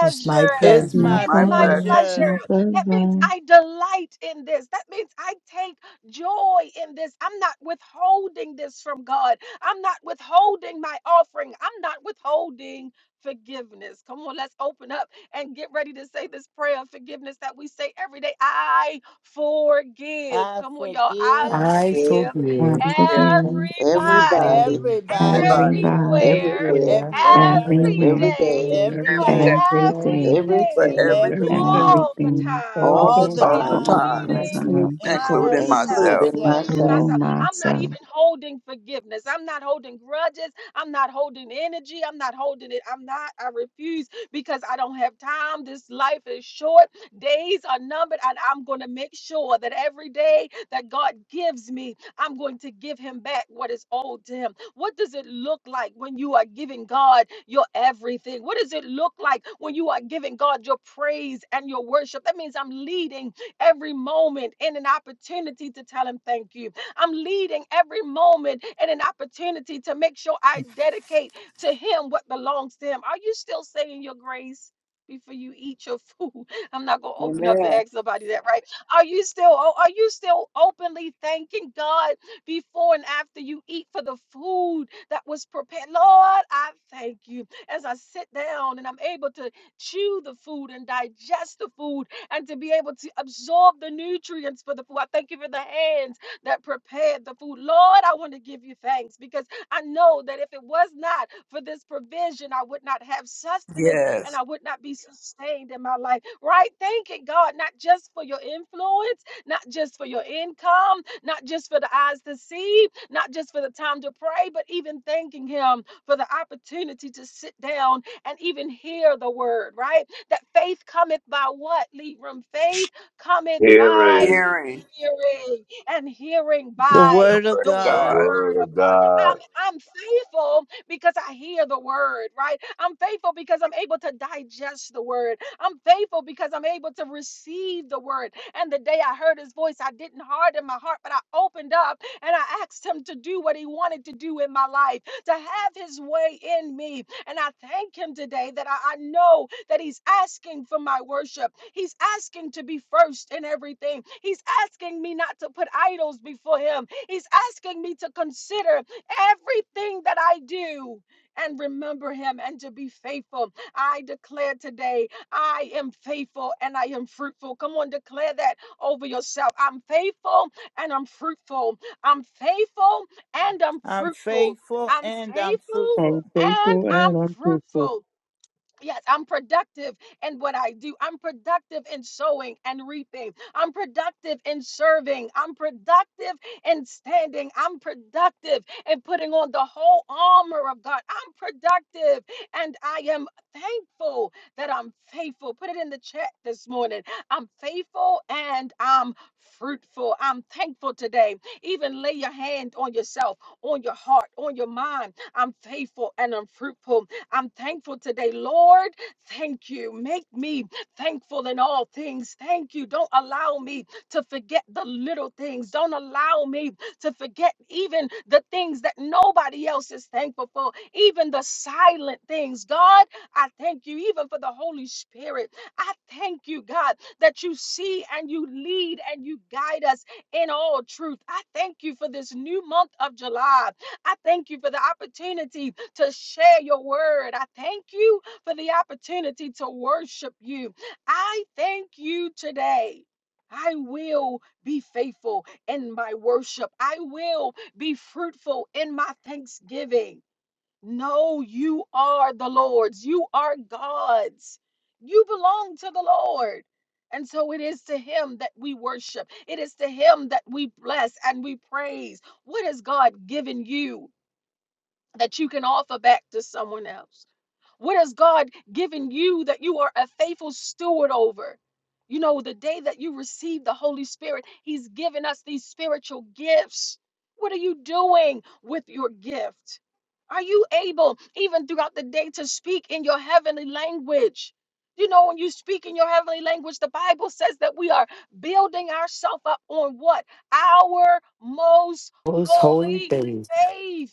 B: It's my
C: It's
H: My
B: pleasure.
C: my
A: It's
D: My
A: my
H: pleasure.
D: pleasure.
H: It's
A: pleasure.
H: my
C: pleasure.
A: That means
H: pleasure.
A: I delight in this. That means I take joy in this. I'm not withholding this from God. I'm not withholding my offering. I'm not withholding forgiveness. Come on, let's open up and get ready to say this prayer of forgiveness that we say every day. I forgive.
C: I
A: Come on, y'all. I
C: forgive
B: I
I: is
A: forgive
H: God
B: forgive
D: Yeah,
H: forgive
A: Everybody
I: everybody,
B: everybody
G: the
C: everybody,
G: heaven
D: everybody,
G: of
H: everybody,
B: be
A: everywhere,
I: everywhere,
B: there
D: every
C: everywhere,
G: everywhere,
A: every
B: every
H: everywhere,
I: every
A: day,
I: day,
B: day
C: every
G: every
A: for
D: every
G: day,
B: for
C: day,
D: day,
H: every day,
D: for
A: everything,
I: everything,
B: everything
D: everything,
G: everything,
C: everything,
A: all the
B: including
H: everything,
B: the
A: time,
G: all the
I: all the
C: all
G: time,
C: the
B: opportunity,
D: all the
H: for
I: time,
C: time,
H: all
B: including
D: time,
H: the
A: including
G: including
B: myself.
H: time,
G: myself.
D: including
C: including
A: myself,
D: myself.
I: including
C: myself.
A: including
I: myself.
H: including
A: myself. I'm not
H: myself.
A: even holding forgiveness. I'm not holding grudges. I'm not holding energy. I'm not holding it. I'm not, I refuse because I don't have time. This life is short. Days are numbered, and I'm going to make sure that every day that God gives me, I'm going to give him back what is owed to him. What does it look like when you are giving God your everything? What does it look like when you are giving God your praise and your worship? That means I'm leading every moment in an opportunity to tell Him thank you. I'm leading every moment in an opportunity to make sure I dedicate to Him what belongs to Him. Are you still saying your grace? Before you eat your food, I'm not gonna open up and
D: Amen.
A: ask somebody that, right? Are you still? oh, Are you still openly thanking God before and after you eat for the food that was prepared. Lord, I thank you. As I sit down and I'm able to chew the food and digest the food and to be able to absorb the nutrients for the food, I thank you for the hands that prepared the food. Lord, I want to give you thanks because I know that if it was not for this provision, I would not have sustenance and
D: Yes,
A: I would not be sustained in my life. Right? Thanking God, not just for your influence, not just for your income, not just for the eyes to see, not just for the time to pray, but even thanking Him for the opportunity to sit down and even hear the word, right? That faith cometh by what, Libram? Faith cometh by
F: Hearing
D: hearing
A: hearing, and hearing
C: The
A: by
C: word of
D: word
A: the
D: of
F: the
C: God.
D: God,
A: word
F: word
A: of
F: of
A: God. So
F: God.
A: I'm, I'm faithful because I hear the word, right? I'm faithful because I'm able to digest the word. I'm faithful because I'm able to receive the word. And the day I heard his voice, I didn't harden my heart, but I opened up and I asked him to do what he wanted to do in my life, to have his way in me. And I thank him today that I, I know that he's asking for my worship. He's asking to be first in everything. He's asking me not to put idols before him. He's asking me to consider everything that I do and remember him and to be faithful. I declare today I am faithful and I am fruitful. Come on, declare that over yourself. I'm faithful and I'm fruitful. I'm faithful and I'm
C: I'm
A: fruitful.
C: faithful
A: I'm
C: and I'm
A: faithful
C: fruitful.
G: I'm
A: and
G: thankful
A: I'm
G: and I'm fruitful.
A: fruitful. Yes, I'm productive in what I do. I'm productive in sowing and reaping. I'm productive in serving. I'm productive in standing. I'm productive in putting on the whole armor of God. I'm productive and I am thankful that I'm faithful. Put it in the chat this morning. I'm faithful and I'm fruitful. I'm thankful today. Even lay your hand on yourself, on your heart, on your mind. I'm faithful and I'm fruitful. I'm thankful today, Lord. Thank you. Make me thankful in all things. Thank you. Don't allow me to forget the little things. Don't allow me to forget even the things that nobody else is thankful for, even the silent things. God, I thank you, even for the Holy Spirit. I thank you, God, that you see and you lead and you guide us in all truth. I thank you for this new month of July. I thank you for the opportunity to share your word. I thank you for the opportunity to worship you. I thank you today. I will be faithful in my worship. I will be fruitful in my thanksgiving. No, you are the Lord's. You are God's. You belong to the Lord. And so it is to him that we worship. It is to him that we bless and we praise. What has God given you? that you can offer back to someone else? What has God given you that you are a faithful steward over? You know, the day that you receive the Holy Spirit, He's given us these spiritual gifts. What are you doing with your gift? Are you able, even throughout the day, to speak in your heavenly language? You know, when you speak in your heavenly language, the Bible says that we are building ourselves up on what? Our most
B: Those holy
A: holy
B: things.
A: faith.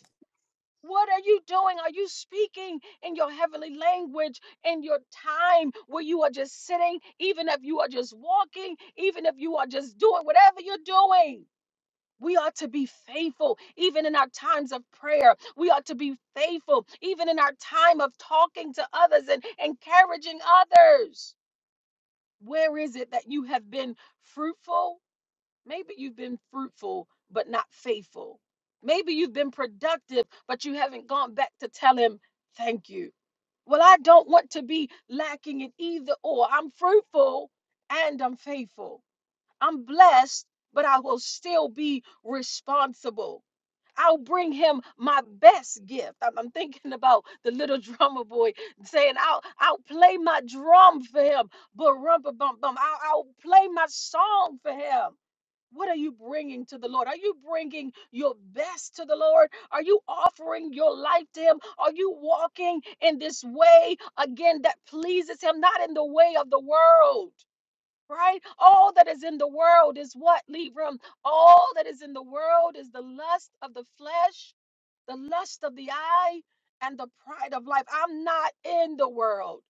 A: What are you doing? Are you speaking in your heavenly language in your time where you are just sitting, even if you are just walking, even if you are just doing whatever you're doing? We ought to be faithful even in our times of prayer. We ought to be faithful even in our time of talking to others and encouraging others. Where is it that you have been fruitful? Maybe you've been fruitful, but not faithful. Maybe you've been productive, but you haven't gone back to tell him, thank you. Well, I don't want to be lacking in either or. I'm fruitful and I'm faithful. I'm blessed, but I will still be responsible. I'll bring him my best gift. I'm, I'm thinking about the little drummer boy saying, I'll, I'll play my drum for him, but rumpa bum bum. I'll, I'll play my song for him. What are you bringing to the Lord? Are you bringing your best to the Lord? Are you offering your life to Him? Are you walking in this way again that pleases Him, not in the way of the world? Right? All that is in the world is what, Libram? All that is in the world is the lust of the flesh the lust of the eye and the pride of life. I'm not in the world.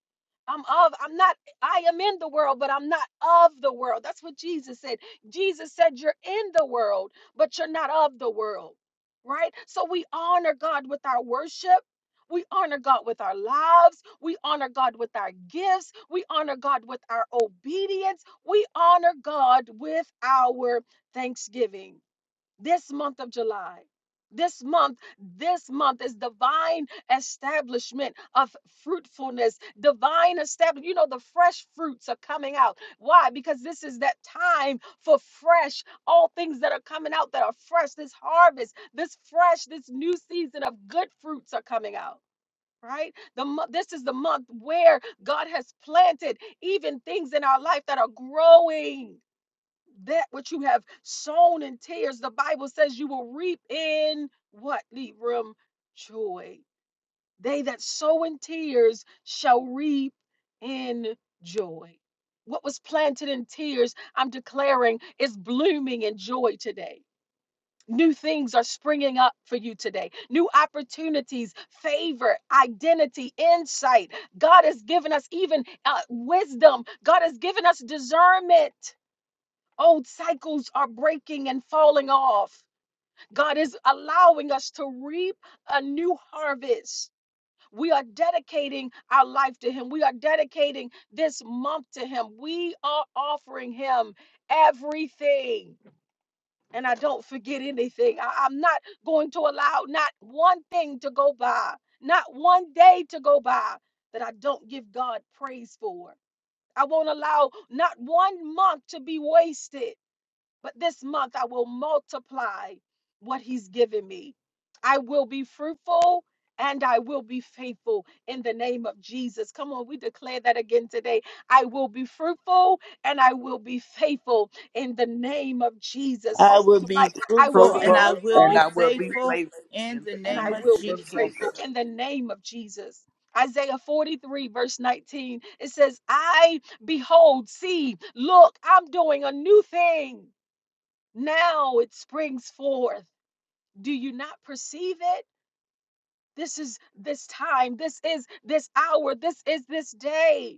A: I'm of, I'm not, I am in the world, but I'm not of the world. That's what Jesus said. Jesus said, You're in the world, but you're not of the world, right? So we honor God with our worship. We honor God with our lives. We honor God with our gifts. We honor God with our obedience. We honor God with our thanksgiving this month of July. This month, this month is divine establishment of fruitfulness, divine establishment. You know, the fresh fruits are coming out. Why? Because this is that time for fresh, all things that are coming out that are fresh, this harvest, this fresh, this new season of good fruits are coming out. Right? The mo- this is the month where God has planted even things in our life that are growing that which you have sown in tears, the Bible says you will reap in what, Libram? Joy. They that sow in tears shall reap in joy. What was planted in tears, I'm declaring, is blooming in joy today. New things are springing up for you today. New opportunities, favor, identity, insight. God has given us even uh, wisdom. God has given us discernment Old cycles are breaking and falling off. God is allowing us to reap a new harvest. We are dedicating our life to Him. We are dedicating this month to Him. We are offering Him everything. And I don't forget anything. I- I'm not going to allow not one thing to go by, not one day to go by that I don't give God praise for. I won't allow not one month to be wasted. But this month I will multiply what he's given me. I will be fruitful and I will be faithful in the name of Jesus. Come on, we declare that again today. I will be fruitful and I will be faithful in the name of Jesus.
C: I
A: Open
C: will
A: your mic.
C: be
A: I will
C: fruitful
A: be
C: and
D: fruitful,
C: I will
D: and
C: be
A: fruitful
D: I will be
C: faithful
D: faithful
C: in
D: in
C: the
A: and
D: the
A: I
C: name of
A: will
D: name
A: be
D: of
C: Jesus.
A: faithful
D: Jesus.
A: in the name of Jesus. Isaiah 43, verse 19, it says, I behold, see, look, I'm doing a new thing. Now it springs forth. Do you not perceive it? This is this time. This is this hour. This is this day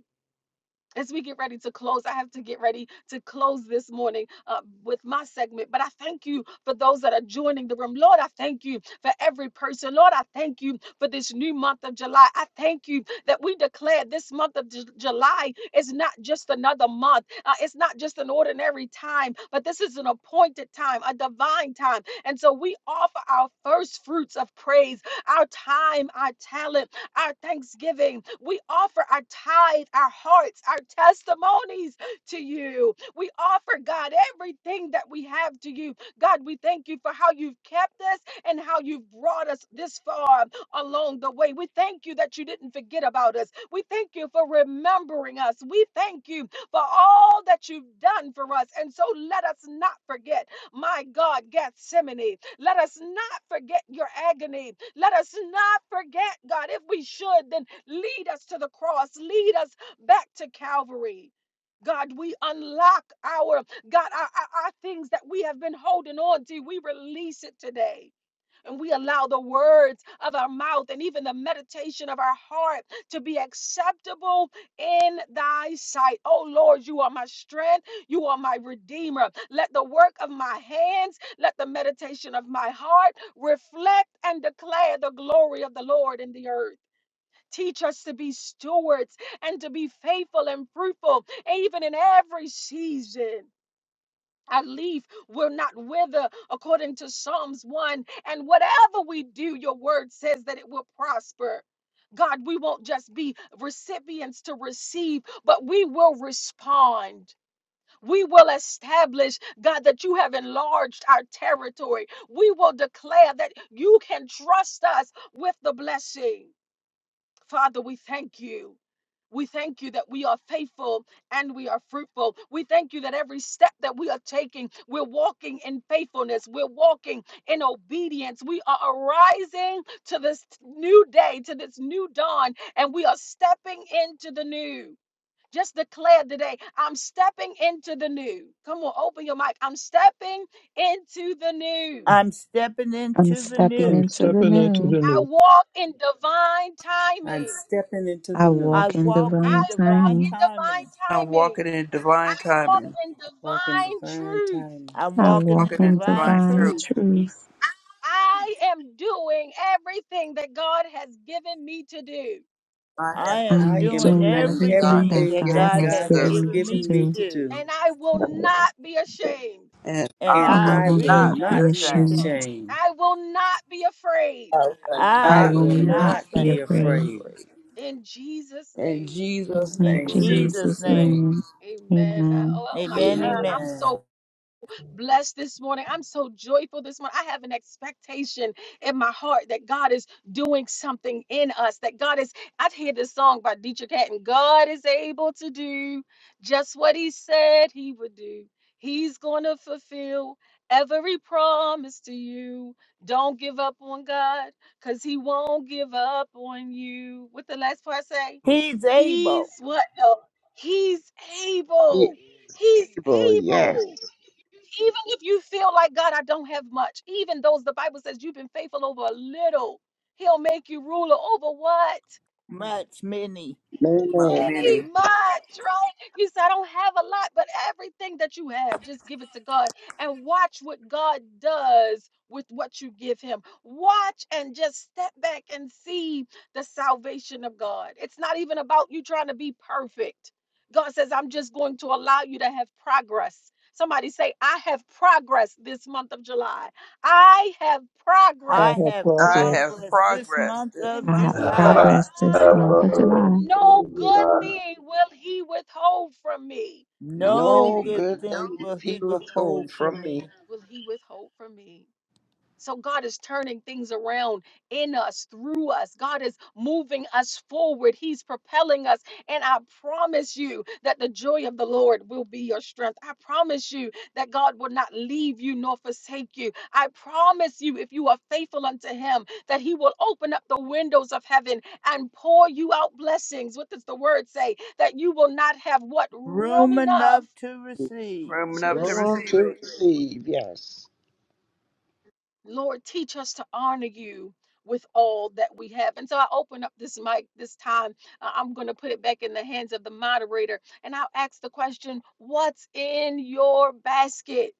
A: as we get ready to close, I have to get ready to close this morning uh, with my segment. But I thank you for those that are joining the room. Lord, I thank you for every person. Lord, I thank you for this new month of July. I thank you that we declare this month of Ju- July is not just another month, uh, it's not just an ordinary time, but this is an appointed time, a divine time. And so we offer our first fruits of praise, our time, our talent our thanksgiving. We offer our tithe, our hearts, our testimonies to you. We offer, God, everything that we have to you. God, we thank you for how you've kept us and how you've brought us this far along the way. We thank you that you didn't forget about us. We thank you for remembering us. We thank you for all that you've done for us. And so let us not forget, my God, Gethsemane. Let us not forget your agony. Let us not forget, God. If we should, then lead us to the cross, lead us back to Calvary. God, we unlock our God, our, our, our things that we have been holding on to. We release it today and we allow the words of our mouth and even the meditation of our heart to be acceptable in thy sight. Oh Lord, you are my strength. You are my redeemer. Let the work of my hands, let the meditation of my heart reflect and declare the glory of the Lord in the earth. Teach us to be stewards and to be faithful and fruitful, even in every season. Our leaf will not wither, according to Psalms 1. And whatever we do, your word says that it will prosper. God, we won't just be recipients to receive, but we will respond. We will establish, God, that you have enlarged our territory. We will declare that you can trust us with the blessing. Father, we thank you. We thank you that we are faithful and we are fruitful. We thank you that every step that we are taking, we're walking in faithfulness. We're walking in obedience. We are arising to this new day, to this new dawn, and we are stepping into the new. Just declare today, I'm stepping into the new. Come on, open your mic. I'm stepping into the new.
C: I'm stepping
H: I'm
C: into the
H: stepping
G: I'm
C: new.
H: into the
G: stepping into
H: new.
G: the
A: I
G: new.
A: walk in divine
J: I'm
A: timing.
J: stepping into the
H: I
J: new,
C: I
H: walk in
C: walk
A: I
C: in
H: divine
A: walk
C: divine
H: timing.
A: in divine
C: timing.
D: I'm
A: timing.
D: walking in
A: I
D: divine
A: walk
D: timing,
A: in
J: walking
A: divine
J: divine
A: truth.
J: timing.
C: I'm
H: I
C: walking
H: walk
D: walking
C: in
D: in
H: in
C: divine
D: divine
H: divine
D: truth.
C: truth.
H: truth.
A: I am doing everything that God has given me to do,
D: I
C: I
D: have
C: am
J: I
H: I'm
J: am
C: doing
H: doing
D: everything
J: doing
D: that God
H: everything
C: everything
D: has
H: that
J: everything
C: that
D: given
J: that
H: God
D: me
C: God
H: has
D: to
J: God
C: has
D: do.
H: given
J: has
H: me
C: given
H: to
C: me
J: given
C: to
J: me
H: do.
J: to
C: do,
J: do,
A: and I will not be ashamed.
D: and
C: and
J: and
D: I
H: and
C: I
H: I
D: will
J: I
H: will
J: will
C: will
D: not
H: not
D: be
J: not
H: be
C: not be
J: be
D: ashamed.
H: ashamed.
C: ashamed.
J: ashamed.
A: I will not be afraid.
D: I will
C: I
H: I
J: I
D: not
H: will
C: will
J: will
F: Hallelujah.
D: be
H: not
J: not
C: not
H: be
D: ashamed.
C: be
J: be
H: afraid.
C: afraid.
J: afraid.
D: Afraid.
A: In Jesus'
D: In
A: name,
D: Jesus'
H: In
C: In
D: name,
J: In
C: Jesus'
H: Jesus'
J: Jesus'
C: name,
J: name.
H: name,
A: amen. I-
H: amen.
A: Oh, oh my
C: amen,
F: amen.
A: God, I'm
C: amen.
J: Amen.
A: so blessed this morning. I'm so joyful this morning. I have an expectation in my heart that God is doing something in us, that God is, I've heard this song by Dietrich Hatton, God is able to do just what he said he would do. He's going to fulfill every promise to you. Don't give up on God because he won't give up on you. What the last part say?
C: He's able,
A: He's what? No, he's
I: He
A: able. He's
I: able, yes.
A: able. Even if you feel like, God, I don't have much, even those the Bible says you've been faithful over a little, He'll make you ruler over what?
C: much many.
D: my
I: Mayonnaise,
A: any
D: many.
A: much, right? You say, I don't have a lot, but everything that you have, just give it to God and watch what God does with what you give Him. Watch and just step back and see the salvation of God. It's not even about you trying to be perfect. God says, I'm just going to allow you to have progress. Somebody say, I have progress this month of July. I have
G: I
A: progress
C: I
G: have
C: have
D: I
G: progress.
D: have
C: progressed this
D: progress
C: month
D: this
A: in
C: of
H: I
D: month
A: this
H: have
D: of
I: my-
A: month of
C: July.
F: Uh,
D: July.
H: progress this
A: July.
H: month of
F: brother,
H: July.
A: No good thing will he withhold from me. No good
C: No
I: No
A: thing
C: good
I: good
C: thing
I: thing
C: will
I: he
C: he
I: was going
C: withhold from
I: from me.
C: me.
A: will he withhold from me. So God is turning things around in us, through us. God is moving us forward. He's propelling us. And I promise you that the joy of the Lord will be your strength. I promise you that God will not leave you nor forsake you. I promise you, if you are faithful unto Him, that He will open up the windows of heaven and pour you out blessings. What does the word say? That you will not have what room
C: Room
A: enough
C: enough to receive.
D: Rooming
A: to
D: up to
I: Wrong
A: receive.
D: receive
I: to
D: it.
I: receive, yes.
A: Lord, teach us to honor you with all that we have. And so I open up this mic this time. Uh, I'm going to put it back in the hands of the moderator and I'll ask the question What's in your basket?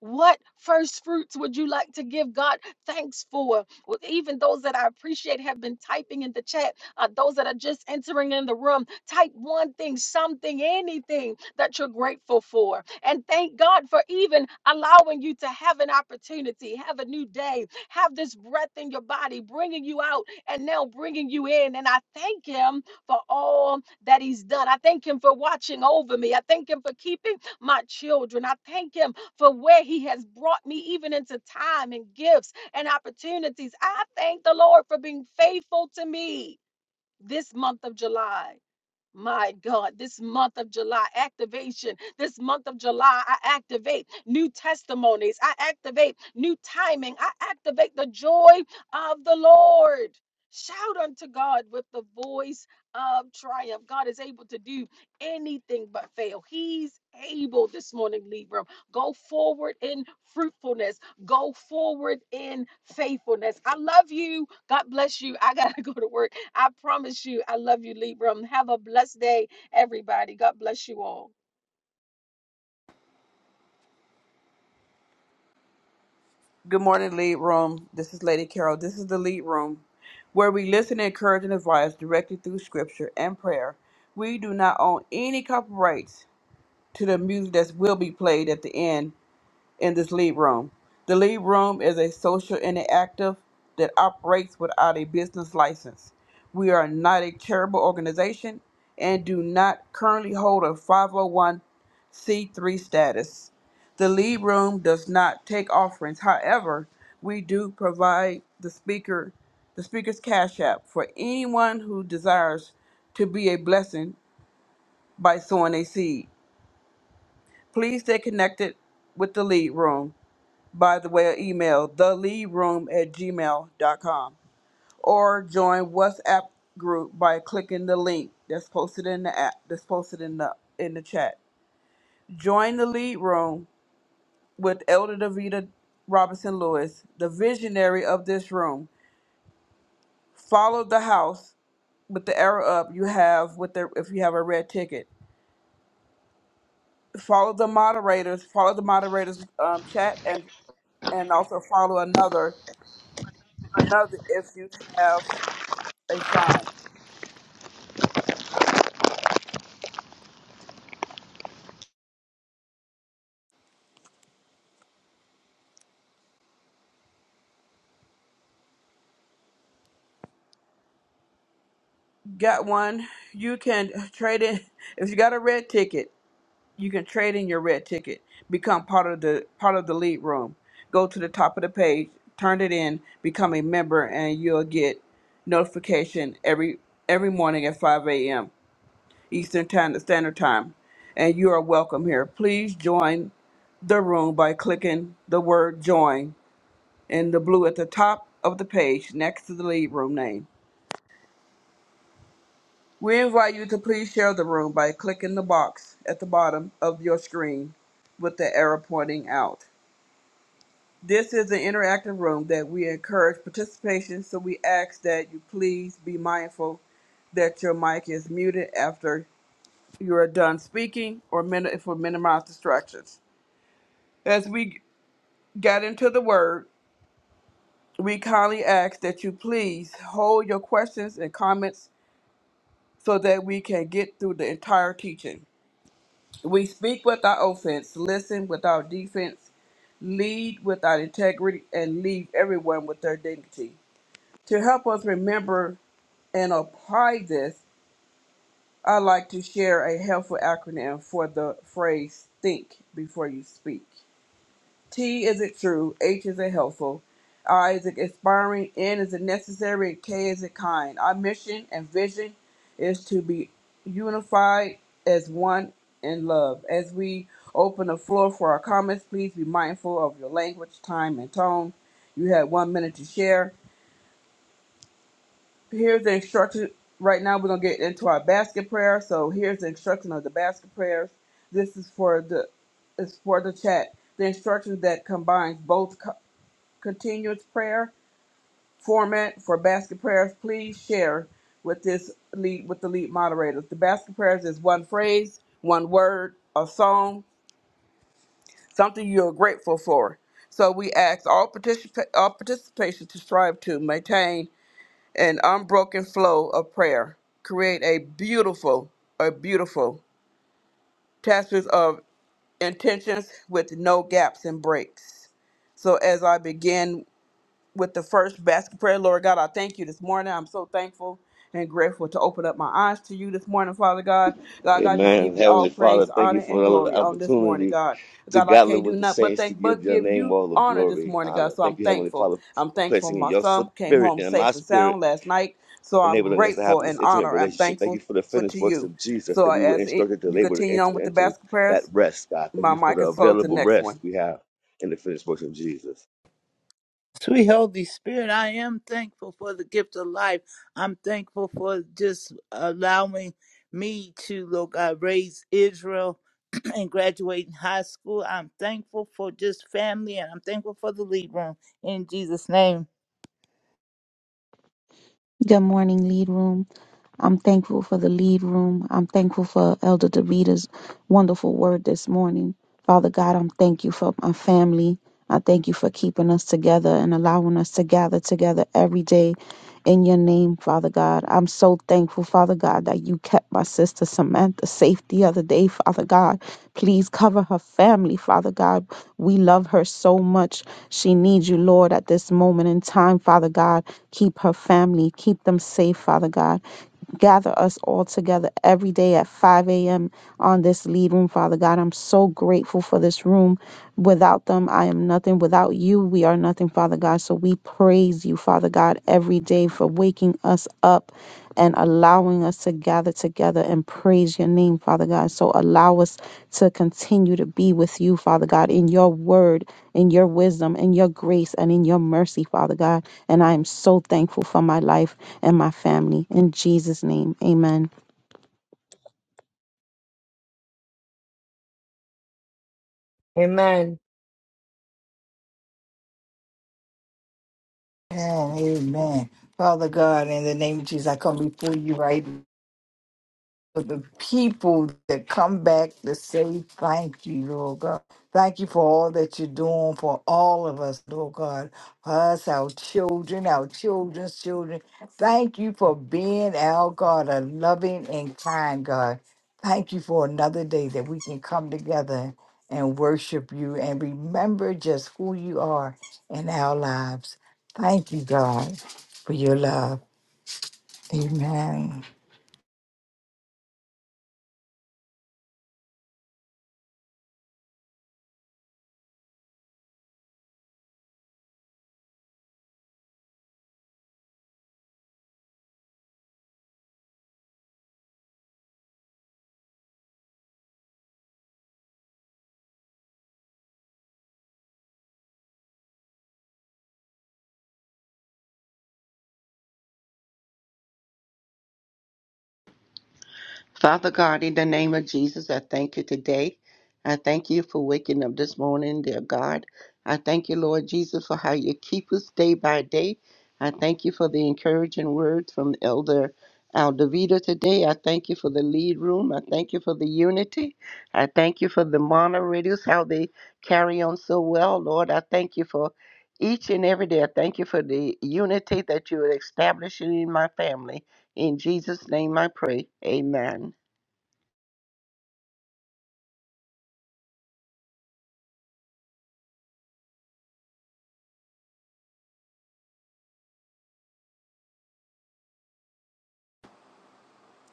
A: What first fruits would you like to give God thanks for? Well, even those that I appreciate have been typing in the chat. Uh, those that are just entering in the room, type one thing, something, anything that you're grateful for. And thank God for even allowing you to have an opportunity, have a new day, have this breath in your body, bringing you out and now bringing you in. And I thank Him for all that He's done. I thank Him for watching over me. I thank Him for keeping my children. I thank Him for where He has brought me, even into time and gifts and opportunities. I thank the Lord for being faithful to me this month of July. My God, this month of July activation, this month of July, I activate new testimonies, I activate new timing, I activate the joy of the Lord. Shout unto God with the voice of triumph. God is able to do anything but fail. He's able this morning, Libra. Go forward in fruitfulness, go forward in faithfulness. I love you. God bless you. I got to go to work. I promise you, I love you, Libram. Have a blessed day, everybody. God bless you all.
D: Good morning, lead room. This is Lady Carol. This is the lead room, where we listen, encourage, and advise directly through Scripture and prayer. We do not own any copyrights to the music that will be played at the end in this lead room. The lead room is a social interactive that operates without a business license. We are not a charitable organization and do not currently hold a 501c3 status. The lead room does not take offerings. However, we do provide the speaker the speaker's cash app for anyone who desires to be a blessing by sowing a seed. Please stay connected with the lead room by the way of email, the lead room at gmail dot com or join WhatsApp group by clicking the link that's posted in the app that's posted in the in the chat. Join the lead room with Elder Davita Robinson Lewis, the visionary of this room. Follow the house with the arrow up you have with the if you have a red ticket. Follow the moderators. Follow the moderators um, chat and and also follow another another if you have a sign. Got one. You can trade in if you got a red ticket. You can trade in your red ticket. Become part of the part of the lead room. Go to the top of the page, turn it in, become a member, and you'll get notification every every morning at 5 a.m. Eastern Time, Standard Time, and you are welcome here. Please join the room by clicking the word "join" in the blue at the top of the page next to the lead room name. We invite you to please share the room by clicking the box at the bottom of your screen with the arrow pointing out. This is an interactive room that we encourage participation, so we ask that you please be mindful that your mic is muted after you are done speaking or min- if we minimize distractions. As we get into the word, we kindly ask that you please hold your questions and comments so that we can get through the entire teaching. We speak without offense, listen without defense, lead without integrity, and leave everyone with their dignity. To help us remember and apply this, I'd like to share a helpful acronym for the phrase think before you speak. T is it true, H is it helpful, I is it inspiring, N is it necessary, and K is it kind. Our mission and vision is to be unified as one in love. As we open the floor for our comments, please be mindful of your language, time, and tone. You had one minute to share. Here's the instruction. Right now, we're going to get into our basket prayer. So here's the instruction of the basket prayers. This is for the is for the chat. The instruction that combines both continuous prayer format for basket prayers, please share with this lead with the lead moderators. The basket prayers is one phrase, one word, a song, something you're grateful for. So we ask all participa- all participation to strive to maintain an unbroken flow of prayer. Create a beautiful, a beautiful tapestry of intentions with no gaps and breaks. So as I begin with the first basket prayer. Lord God, I thank you this morning. I'm so thankful and grateful to open up my eyes to you this morning, Father God. God,
F: Hey,
D: God, just give you all praise,
F: but thank
D: honor,
F: you
D: and
F: for the
D: glory on this morning,
F: opportunity
D: God.
F: to
D: God, I
F: gather
D: can't do
F: with the
D: nothing but
F: saints to
D: thank,
F: give
D: but
F: your
D: give
F: name
D: you
F: all the
D: honor this
F: glory,
D: morning, God.
F: honor.
D: So I'm
F: Thank you, Heavenly
D: thankful.
F: Father,
D: I'm
F: for
D: thankful
F: placing in
D: my
F: your
D: son came
F: spirit
D: home
F: and in my
D: safe and
F: spirit,
D: sound last night. So I'm
F: enabling us to have
D: grateful
F: this
D: and
F: intimate
D: honor. I'm
F: relationship. Thank you
D: thankful
F: for the
D: for
F: finished
D: to
F: works
D: you.
F: of Jesus
D: So
F: that we were
D: as it
F: instructed to
D: you
F: labor to
D: continue on
F: enter
D: with the
F: into
D: basket
F: that
D: prayers,
F: rest, God. Thank
D: my
F: you for
D: mic
F: the
D: is closed. The
F: available
D: next one.
F: rest we have in the finished works of Jesus.
C: Sweet Holy Spirit, I am thankful for the gift of life. I'm thankful for just allowing me to, Lord God, raise Israel and graduate in high school. I'm thankful for just family and I'm thankful for the lead room. In Jesus' name.
H: Good morning, lead room. I'm thankful for the lead room. I'm thankful for Elder Davita's wonderful word this morning. Father God, I'm thank you for my family. I thank you for keeping us together and allowing us to gather together every day in your name, Father God. I'm so thankful, Father God, that you kept my sister Samantha safe the other day, Father God. Please cover her family, Father God. We love her so much. She needs you, Lord, at this moment in time, Father God. Keep her family, keep them safe, Father God gather us all together every day at 5 a.m on this lead room, Father God. I'm so grateful for this room. Without them, I am nothing. Without you, we are nothing, Father God. So we praise you, Father God, every day for waking us up and allowing us to gather together and praise your name, Father God. So allow us to continue to be with you, Father God, in your word, in your wisdom, in your grace, and in your mercy, Father God. And I am so thankful for my life and my family. In Jesus' name, amen.
K: Amen.
B: Amen. Amen. Father God, in the name of Jesus, I come before you right for the people that come back to say thank you, Lord God. Thank you for all that you're doing for all of us, Lord God. For us, our children, our children's children. Thank you for being our God, a loving and kind God. Thank you for another day that we can come together and worship you and remember just who you are in our lives. Thank you, God, for your love. Amen.
I: Father God, in the name of Jesus, I thank you today. I thank you for waking up this morning, dear God. I thank you, Lord Jesus, for how you keep us day by day. I thank you for the encouraging words from Elder Aldavita today. I thank you for the lead room. I thank you for the unity. I thank you for the moderators, how they carry on so well, Lord. I thank you for each and every day. I thank you for the unity that you are establishing in my family. In Jesus' name I pray. Amen.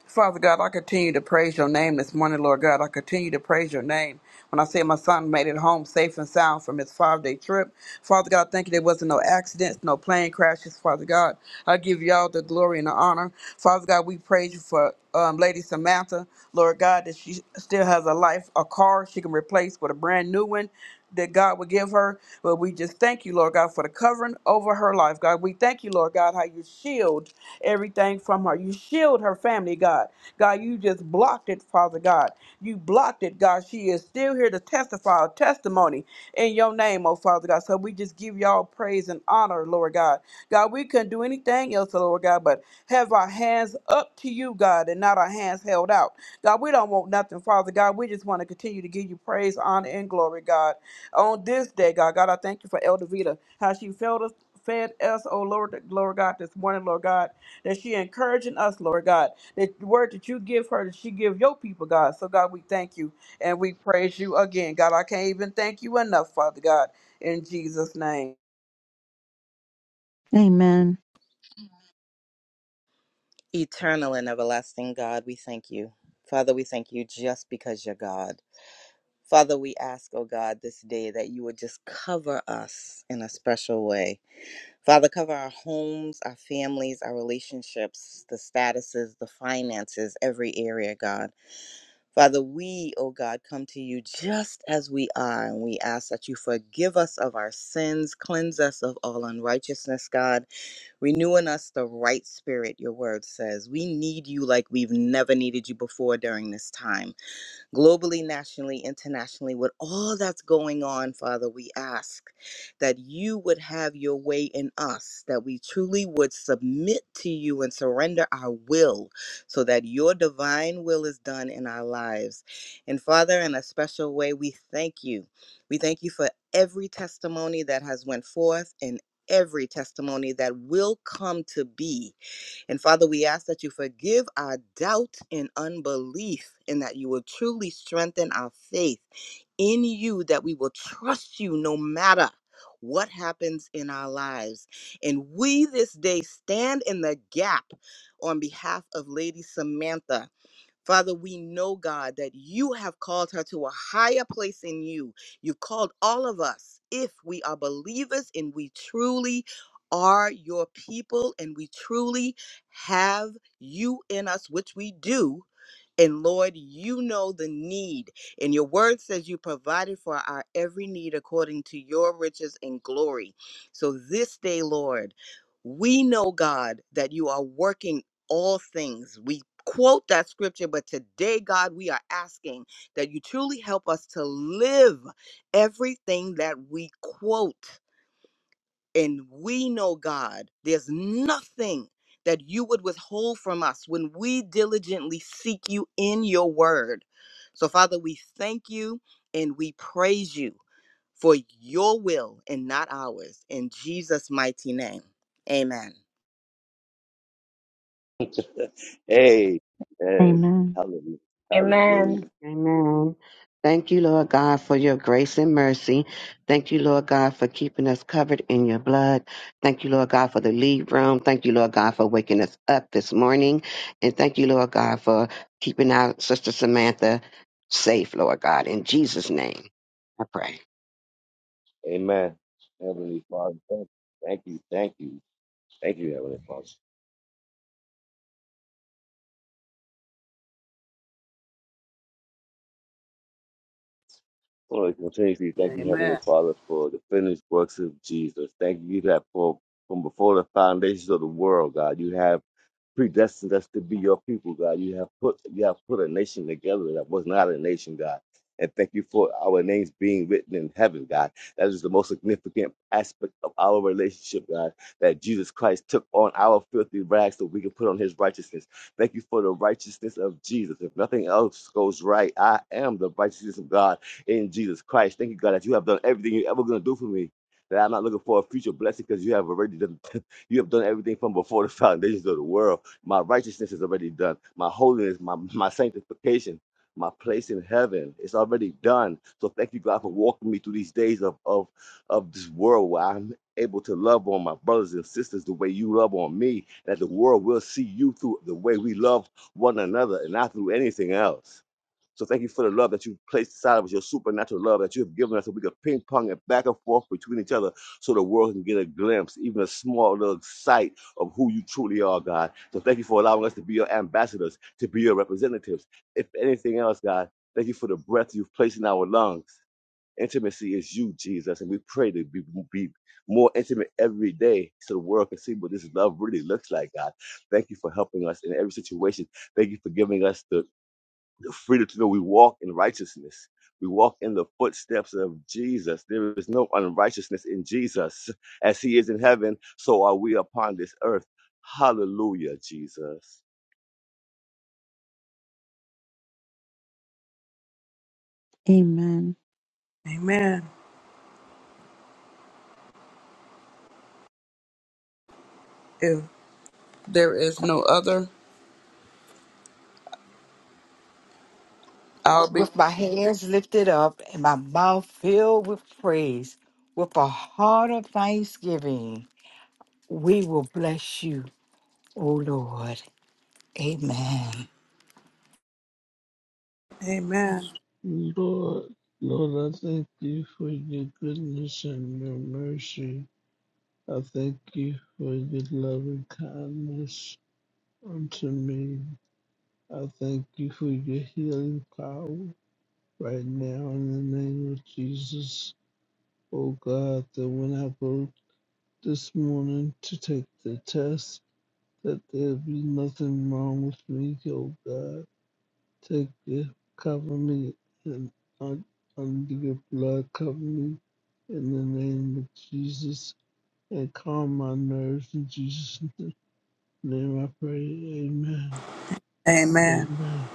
D: Father God, I continue to praise your name this morning, Lord God. I continue to praise your name. When I say my son made it home safe and sound from his five day trip, Father God, thank you there wasn't no accidents, no plane crashes, Father God. I give you all the glory and the honor. Father God, we praise you for um, Lady Samantha, Lord God, that she still has a life, a car she can replace with a brand new one that God would give her. But we just thank you, Lord God, for the covering over her life, God. We thank you, Lord God, how you shield everything from her. You shield her family, God. God, you just blocked it, Father God. You blocked it, God. She is still here to testify a testimony in your name, oh Father God. So we just give y'all praise and honor, Lord God. God, we couldn't do anything else, oh Lord God, but have our hands up to you, God, and not our hands held out. God, we don't want nothing, Father God. We just want to continue to give you praise, honor, and glory, God. On this day, God, God, I thank you for Elder Vita, how she fed us, fed us, oh Lord, Lord God, this morning, Lord God, that she encouraging us, Lord God, that the word that you give her, that she give your people, God. So God, we thank you and we praise you again, God. I can't even thank you enough, Father God, in Jesus' name.
H: Amen.
L: Eternal and everlasting God, we thank you. Father, we thank you just because you're God. Father, we ask, oh God, this day that you would just cover us in a special way. Father, cover our homes, our families, our relationships, the statuses, the finances, every area, God. Father, we, oh God, come to you just as we are, and we ask that you forgive us of our sins, cleanse us of all unrighteousness, God. Renew in us the right spirit, your word says. We need you like we've never needed you before during this time globally, nationally, internationally, with all that's going on, Father, we ask that you would have your way in us, that we truly would submit to you and surrender our will so that your divine will is done in our lives. And Father, in a special way, we thank you. We thank you for every testimony that has went forth and every testimony that will come to be and Father, we ask that you forgive our doubt and unbelief, and that you will truly strengthen our faith in you, that we will trust you no matter what happens in our lives. And we this day stand in the gap on behalf of Lady Samantha Father, we know, God, that you have called her to a higher place in you. You called all of us, if we are believers and we truly are your people and we truly have you in us, which we do. And Lord, you know the need. And your word says you provided for our every need according to your riches and glory. So this day, Lord, we know, God, that you are working all things. We quote that scripture, but today, God, we are asking that you truly help us to live everything that we quote. And we know, God, there's nothing that you would withhold from us when we diligently seek you in your word. So, Father, we thank you and we praise you for your will and not ours. In Jesus' mighty name, amen.
F: Amen.
H: Amen.
F: Hallelujah.
K: Amen.
F: Hallelujah.
M: Amen. Thank you, Lord God, for your grace and mercy. Thank you, Lord God, for keeping us covered in your blood. Thank you, Lord God, for the lead room. Thank you, Lord God, for waking us up this morning. And thank you, Lord God, for keeping our sister Samantha safe, Lord God. In Jesus' name, I pray.
F: Amen. Heavenly Father, thank you. Thank you. Thank you. Thank you, Heavenly Father. Lord, continuously thank you,
D: Amen.
F: Heavenly Father, for the finished works of Jesus. Thank you that for from before the foundations of the world, God, you have. predestined us to be your people, God. You have put you have put a nation together that was not a nation, God. And thank you for our names being written in heaven, God. That is the most significant aspect of our relationship, God. That Jesus Christ took on our filthy rags so we can put on his righteousness. Thank you for the righteousness of Jesus. If nothing else goes right, I am the righteousness of God in Jesus Christ. Thank you, God, that you have done everything you're ever going to do for me. That I'm not looking for a future blessing because you have already done, you have done everything from before the foundations of the world. My righteousness is already done. My holiness, my, my sanctification, my place in heaven, it's already done. So thank you, God, for walking me through these days of, of, of this world where I'm able to love on my brothers and sisters the way you love on me, and that the world will see you through the way we love one another and not through anything else. So thank you for the love that you have placed inside of us, your supernatural love that you have given us, so we can ping pong it back and forth between each other, so the world can get a glimpse, even a small little sight of who you truly are, God. So thank you for allowing us to be your ambassadors, to be your representatives. If anything else, God, thank you for the breath you've placed in our lungs. Intimacy is you, Jesus, and we pray to be, be more intimate every day so the world can see what this love really looks like, God. Thank you for helping us in every situation. Thank you for giving us the freedom to know we walk in righteousness. We walk in the footsteps of Jesus. There is no unrighteousness in Jesus. As he is in heaven, so are we upon this earth. Hallelujah, Jesus.
H: Amen.
D: Amen. If there is no other, I'll be.
B: with my hands lifted up and my mouth filled with praise, with a heart of thanksgiving, we will bless you, O Lord. Amen.
D: Amen.
N: Lord, Lord, I thank you for your goodness and your mercy. I thank you for your loving kindness unto me. I thank you for your healing power right now in the name of Jesus. Oh God, that when I go this morning to take the test, that there be nothing wrong with me, oh God. Take your cover me and un- under your blood cover me in the name of Jesus and calm my nerves in Jesus' name I pray. Amen.
D: Amen.
N: Amen.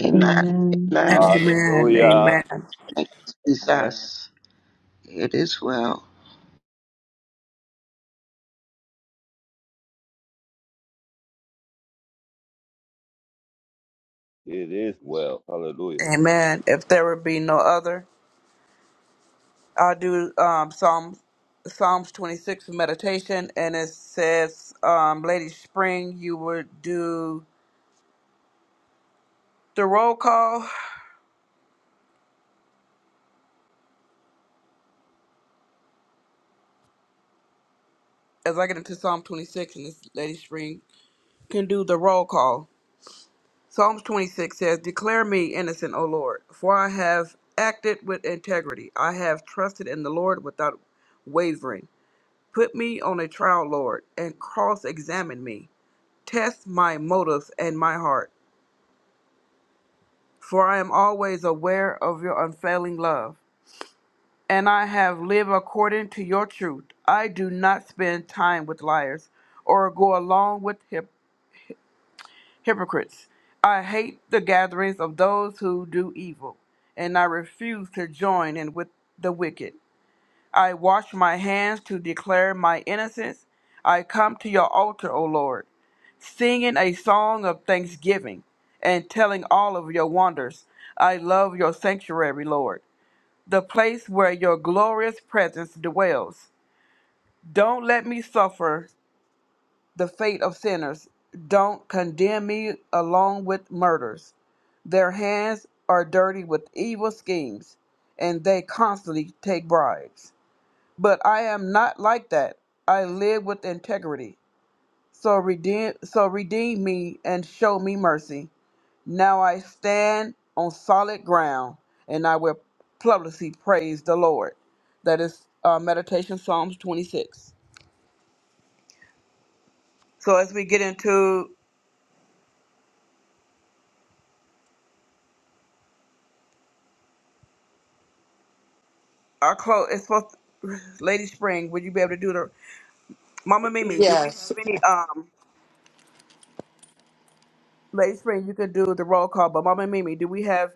I: Amen.
H: Amen.
I: Amen.
D: Amen.
F: Hallelujah.
D: Amen.
I: Thank you,
F: Amen.
I: Jesus. It is well.
F: It is well. Hallelujah.
D: Amen. If there would be no other. I will do um, Psalms Psalms 26 for meditation, and it says, um, Lady Spring, you would do the roll call. As I get into Psalm 26, and this Lady Spring can do the roll call. Psalms 26 says, Declare me innocent, O Lord, for I have acted with integrity. I have trusted in the Lord without wavering. Put me on a trial, Lord, and cross examine me. Test my motives and my heart. for I am always aware of your unfailing love, and I have lived according to your truth. I do not spend time with liars or go along with hyp- hypocrites. I hate the gatherings of those who do evil, and I refuse to join in with the wicked. I wash my hands to declare my innocence. I come to your altar, O Lord, singing a song of thanksgiving and telling all of your wonders. I love your sanctuary, Lord. the place where your glorious presence dwells. Don't let me suffer the fate of sinners. Don't condemn me along with murders. Their hands are dirty with evil schemes, and they constantly take bribes. But I am not like that. I live with integrity. So redeem, so redeem me and show me mercy. Now I stand on solid ground, and I will publicly praise the Lord. That is uh, meditation Psalms 26. So as we get into our close, it's supposed. Lady Spring, would you be able to do the Mama Mimi? Do we
B: Yes.
D: have any um? Lady Spring, you could do the roll call, but Mama Mimi, do we have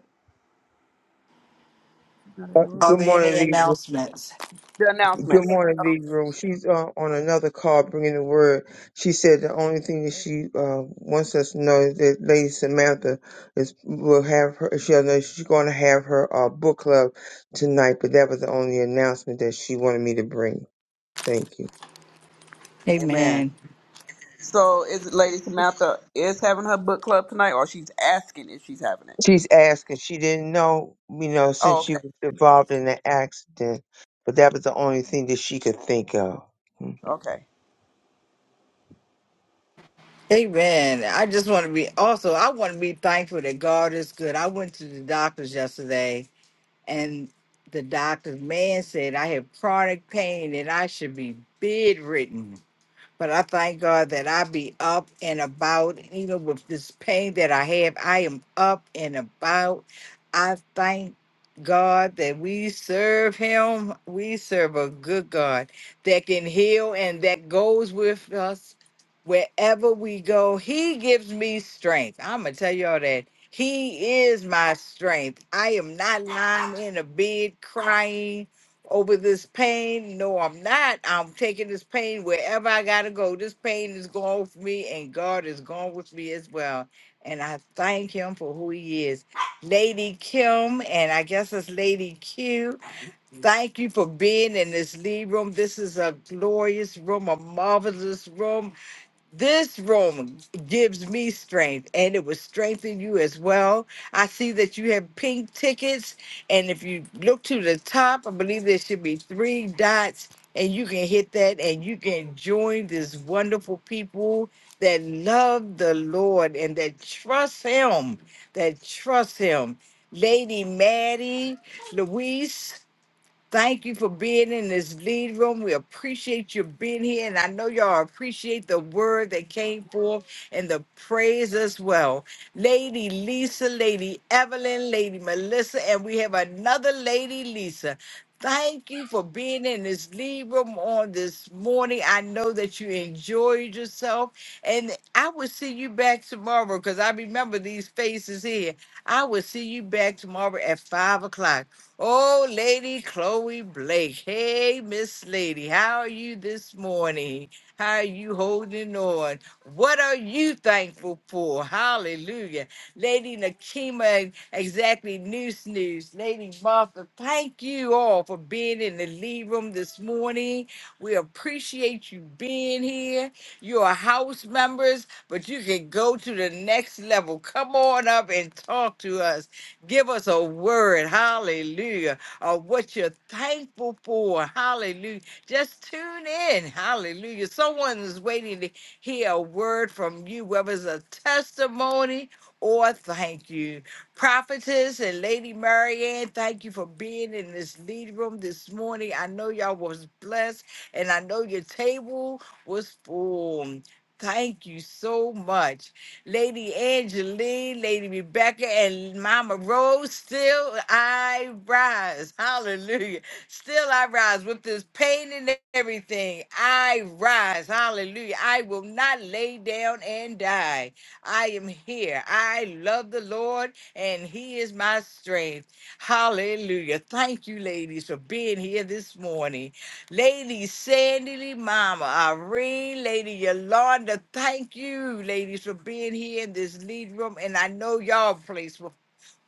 D: she's not in
E: Uh,
D: the room
B: Are
E: Good
B: there
E: morning,
B: any
E: Lee.
B: announcements?
D: the
E: Good
D: announcements?
E: morning, Lee She's uh, on another call bringing the word. She said the only thing that she uh, wants us to know is that Lady Samantha is will have her. She'll know she's going to have her uh, book club tonight. But that was the only announcement that she wanted me to bring. Thank you.
D: Amen.
B: Amen.
D: So is Lady Samantha is having her book club tonight, or she's asking if she's having it?
E: She's asking. She didn't know, you know, since
D: Oh,
E: she
D: okay,
E: was involved in the accident, but that was the only thing that she could think of. Hmm.
D: okay.
B: Amen. I just want to be also, I want to be thankful that God is good. I went to the doctor's yesterday and the doctor's man said I had chronic pain and I should be bedridden. But I thank God that I be up and about, even with this pain that I have. I am up and about. I thank God that we serve Him. We serve a good God that can heal and that goes with us wherever we go, he gives me strength. I'm gonna tell y'all that he is my strength. I am not lying in a bed crying over this pain. No, I'm not. I'm taking this pain wherever I gotta go. This pain is going with me, and God is going with me as well. And I thank him for who he is. Lady Kim, and I guess it's Lady Q. Thank you for being in this lead room. This is a glorious room, a marvelous room this room gives me strength and it will strengthen you as well. I see that you have pink tickets, and if you look to the top, I believe there should be three dots, and you can hit that and you can join this wonderful people that love the Lord and that trust Him, that trust Him. Lady Maddie, Louise, Thank you for being in this lead room. We appreciate you being here. And I know y'all appreciate the word that came forth and the praise as well. Lady Lisa, Lady Evelyn, Lady Melissa, and we have another Lady Lisa. Thank you for being in this lead room on this morning. I know that you enjoyed yourself. And I will see you back tomorrow because I remember these faces here. I will see you back tomorrow at five o'clock. Oh, Lady Chloe Blake. Hey, Miss Lady, how are you this morning? How are you holding on? What are you thankful for? Hallelujah. Lady Nakima, exactly News News. Lady Martha, thank you all for being in the lead room this morning. We appreciate you being here. You are house members, but you can go to the next level. Come on up and talk to us. Give us a word, hallelujah, of what you're thankful for, hallelujah. Just tune in, hallelujah. Someone is waiting to hear a word from you, whether it's a testimony or thank you. Prophetess and Lady Marianne, thank you for being in this lead room this morning. I know y'all was blessed, and I know your table was full. Thank you so much. Lady Angeline, Lady Rebecca, and Mama Rose. Still I rise. Hallelujah. Still I rise with this pain and everything. I rise. Hallelujah. I will not lay down and die. I am here. I love the Lord, and He is my strength. Hallelujah. Thank you, ladies, for being here this morning. Lady Sandy, Mama Irene, Lady Yolanda, thank you, ladies, for being here in this lead room. And I know y'all place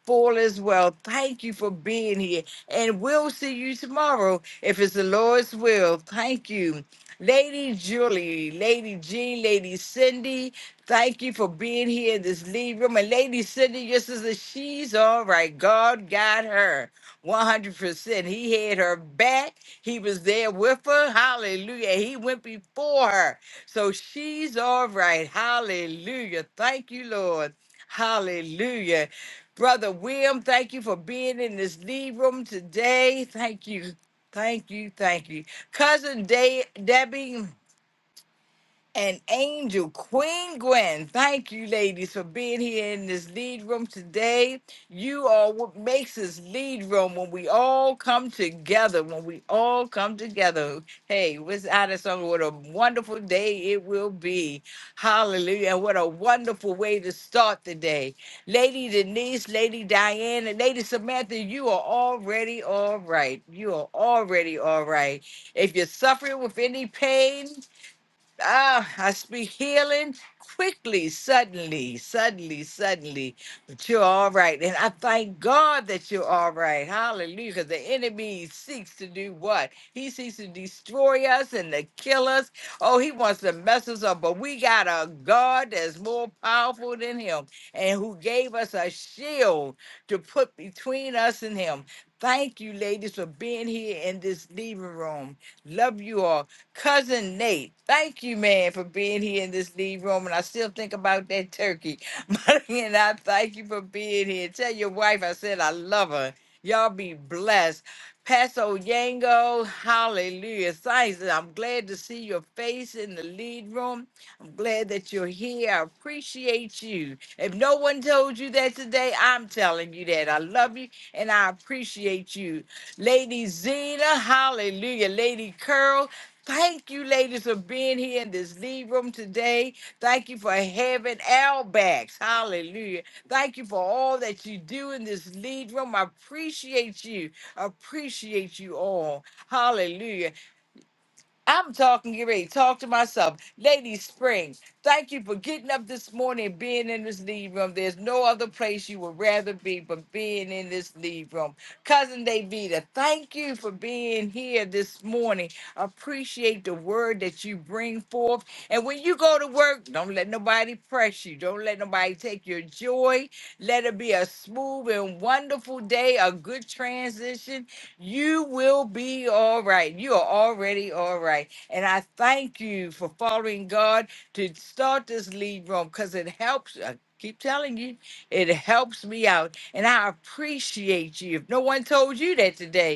B: full as well. Thank you for being here. And we'll see you tomorrow if it's the Lord's will. Thank you. Lady Julie, Lady Jean, Lady Cindy, thank you for being here in this lead room. And Lady Cindy, your sister, she's all right. God got her 100%. He had her back. He was there with her. Hallelujah. He went before her. So she's all right. Hallelujah. Thank you, Lord. Hallelujah. Brother William, thank you for being in this lead room today. Thank you. Thank you. Thank you. Cousin De- Debbie and Angel Queen Gwen. Thank you, ladies, for being here in this lead room today. You are what makes this lead room when we all come together. When we all come together. Hey, what's out of song? What a wonderful day it will be. Hallelujah. And What a wonderful way to start the day. Lady Denise, Lady Diane, and Lady Samantha, you are already all right. You are already all right. If you're suffering with any pain, Ah, I speak healing quickly, suddenly, suddenly, suddenly. But you're all right. And I thank God that you're all right. Hallelujah. 'Cause the enemy seeks to do what? He seeks to destroy us and to kill us. Oh, he wants to mess us up. But we got a God that's more powerful than him and who gave us a shield to put between us and him. Thank you, ladies, for being here in this living room. Love you all. Cousin Nate, thank you, man, for being here in this lead room. And I still think about that turkey. Money, and I thank you for being here. Tell your wife I said I love her. Y'all be blessed. Paso Yango, hallelujah. Thanks. I'm glad to see your face in the lead room. I'm glad that you're here. I appreciate you. If no one told you that today, I'm telling you that. I love you and I appreciate you. Lady Zena, hallelujah. Lady Curl, Thank you, ladies, for being here in this lead room today. Thank you for having our backs. Hallelujah. Thank you for all that you do in this lead room. I appreciate you. Appreciate you all. Hallelujah. I'm talking, get ready, talk to myself. Lady Spring, thank you for getting up this morning and being in this lead room. There's no other place you would rather be but being in this lead room. Cousin Davida, thank you for being here this morning. Appreciate the word that you bring forth. And when you go to work, don't let nobody press you. Don't let nobody take your joy. Let it be a smooth and wonderful day, a good transition you will be all right. You are already all right. And I thank you for following God to start this lead room because it helps. I keep telling you, it helps me out. And I appreciate you. If no one told you that today,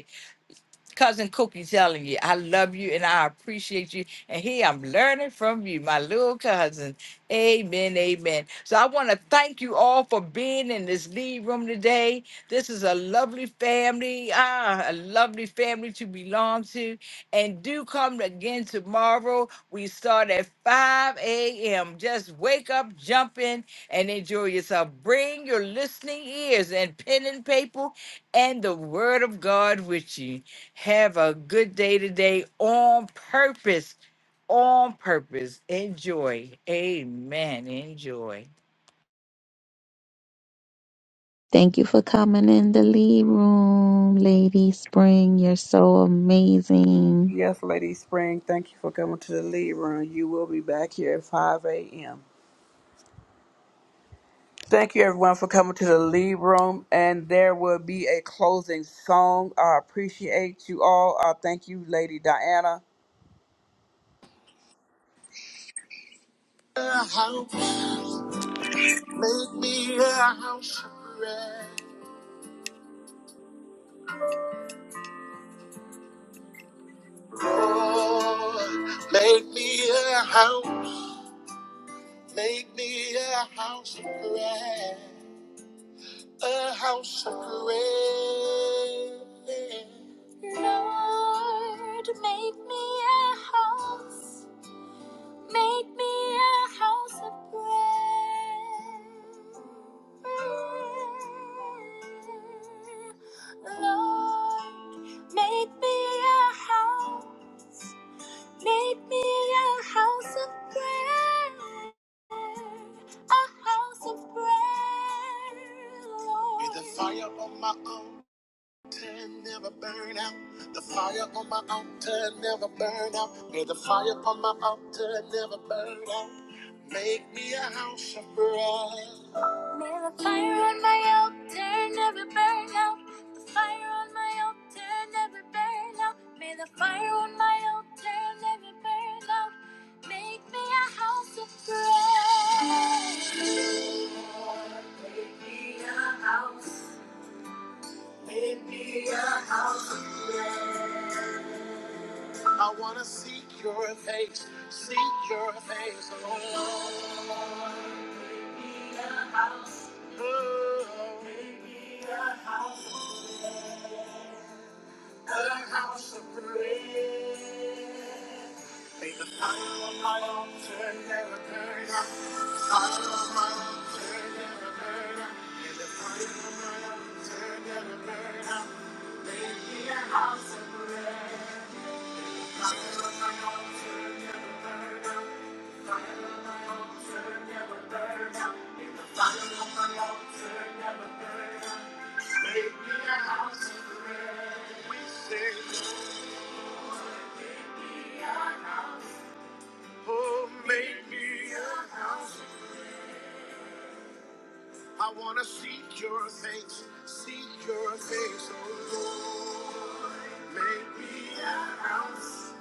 B: Cousin Cookie telling you, I love you and I appreciate you. And here I'm learning from you, my little cousin. Amen, amen. So I want to thank you all for being in this lead room today. This is a lovely family, ah, a lovely family to belong to. And do come again tomorrow. We start at 5 a.m. Just wake up, jump in, and enjoy yourself. Bring your listening ears and pen and paper and the word of God with you. Have a good day today on purpose. On purpose. Enjoy. Amen. Enjoy.
H: Thank you for coming in the lead room, Lady Spring. You're so amazing.
D: Yes, Lady Spring, thank you for coming to the lead room. You will be back here at 5 a.m. Thank you, everyone, for coming to the lead room. And there will be a closing song. I appreciate you all. Uh, thank you, Lady Diana.
L: A house, make me a house of prayer. Lord, make me a house, make me a house of prayer. a house of prayer. Lord, make me a house, make me a house of prayer. Lord, make me a house. Make me a house of prayer, a house of prayer, Lord. With the fire on my altar altar never burn out. The fire on my altar never burn out. May the fire on my altar never burn out. Make me a house of prayer. May the fire on my altar never burn out. The fire on my altar never burn out. May the fire on my altar never burn out. Make me a house of prayer. Make me I wanna seek your face, seek your face alone. Oh, the house of prayer. May the fire of my altar never burn out. The Fire of my wisdom. Oh, make me. I wanna seek your face, seek your face, oh Lord. Make me a house,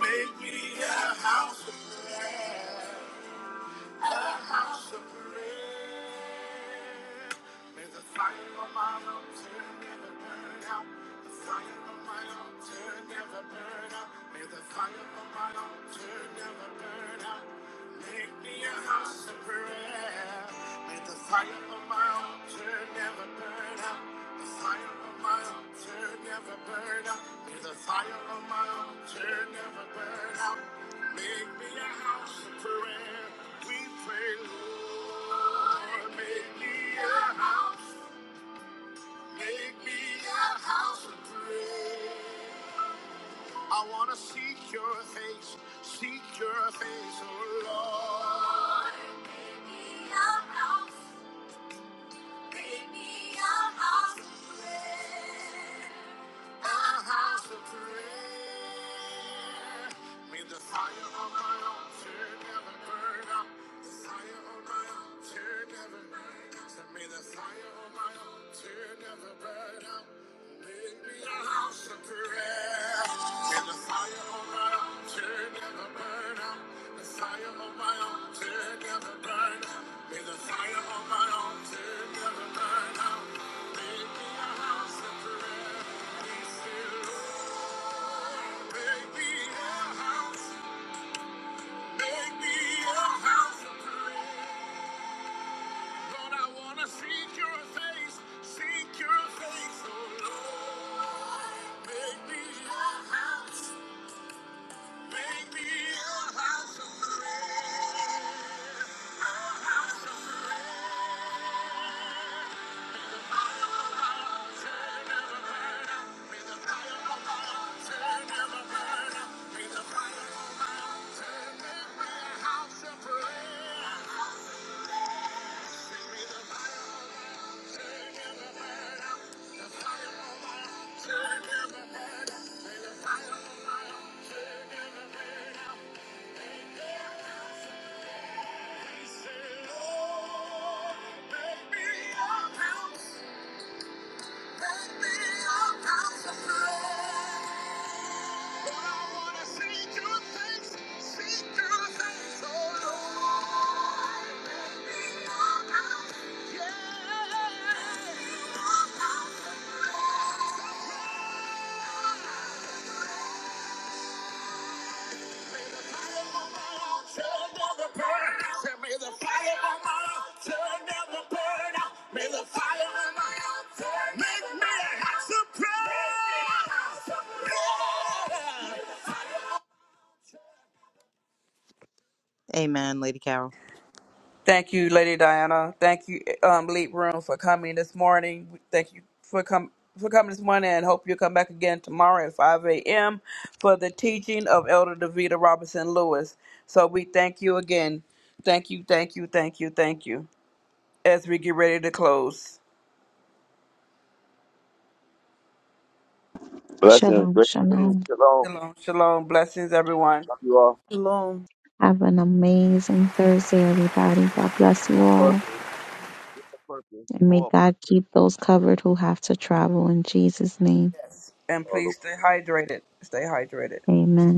L: make me a house of prayer. May the fire of my altar never burn out. The fire of my altar never burn out. May the fire of my altar never burn out. Make me a house of prayer. May the fire of my altar never burn out. The fire of my altar never burn out. May the fire of my altar never burn out. Make me a house of prayer. Your face, stir. Lord, make me a house, make me a house of prayer. a house of May the fire on my altar never burn out. The fire on my altar never burn out. So May the fire on my altar never burn out. Make me a house of prayer. May the fire on my altar never burn out. The fire on my altar never burn out. May the fire on my altar never burn out. Make me a house of prayer. We still. Make me a house. Make me a house of prayer. Lord, I want to seek your face. Seek your face, oh Lord. Make me a house. Make me a house of prayer. A house of prayer. Be the fire on my altar, a house of prayer. Yeah. Amen, Lady Carol.
D: Thank you, Lady Diana. Thank you, um, lead room, for coming this morning. Thank you for coming. For coming this morning, and hope you'll come back again tomorrow at 5 a.m. for the teaching of Elder Davita Robinson Lewis. So we thank you again. Thank you, thank you, thank you, thank you. as we get ready to close.
F: Blessings.
H: Shalom,
F: Great things.
H: shalom.
F: Shalom.
D: Shalom, shalom, blessings, everyone,
F: Love you all
J: Shalom.
H: Have an amazing Thursday, everybody. God bless you
F: on
H: all.
F: purpose. On purpose.
H: And may
F: For
H: God keep those covered who have to travel in Jesus' name.
D: and
F: all.
D: please stay hydrated. Stay hydrated.
H: Amen.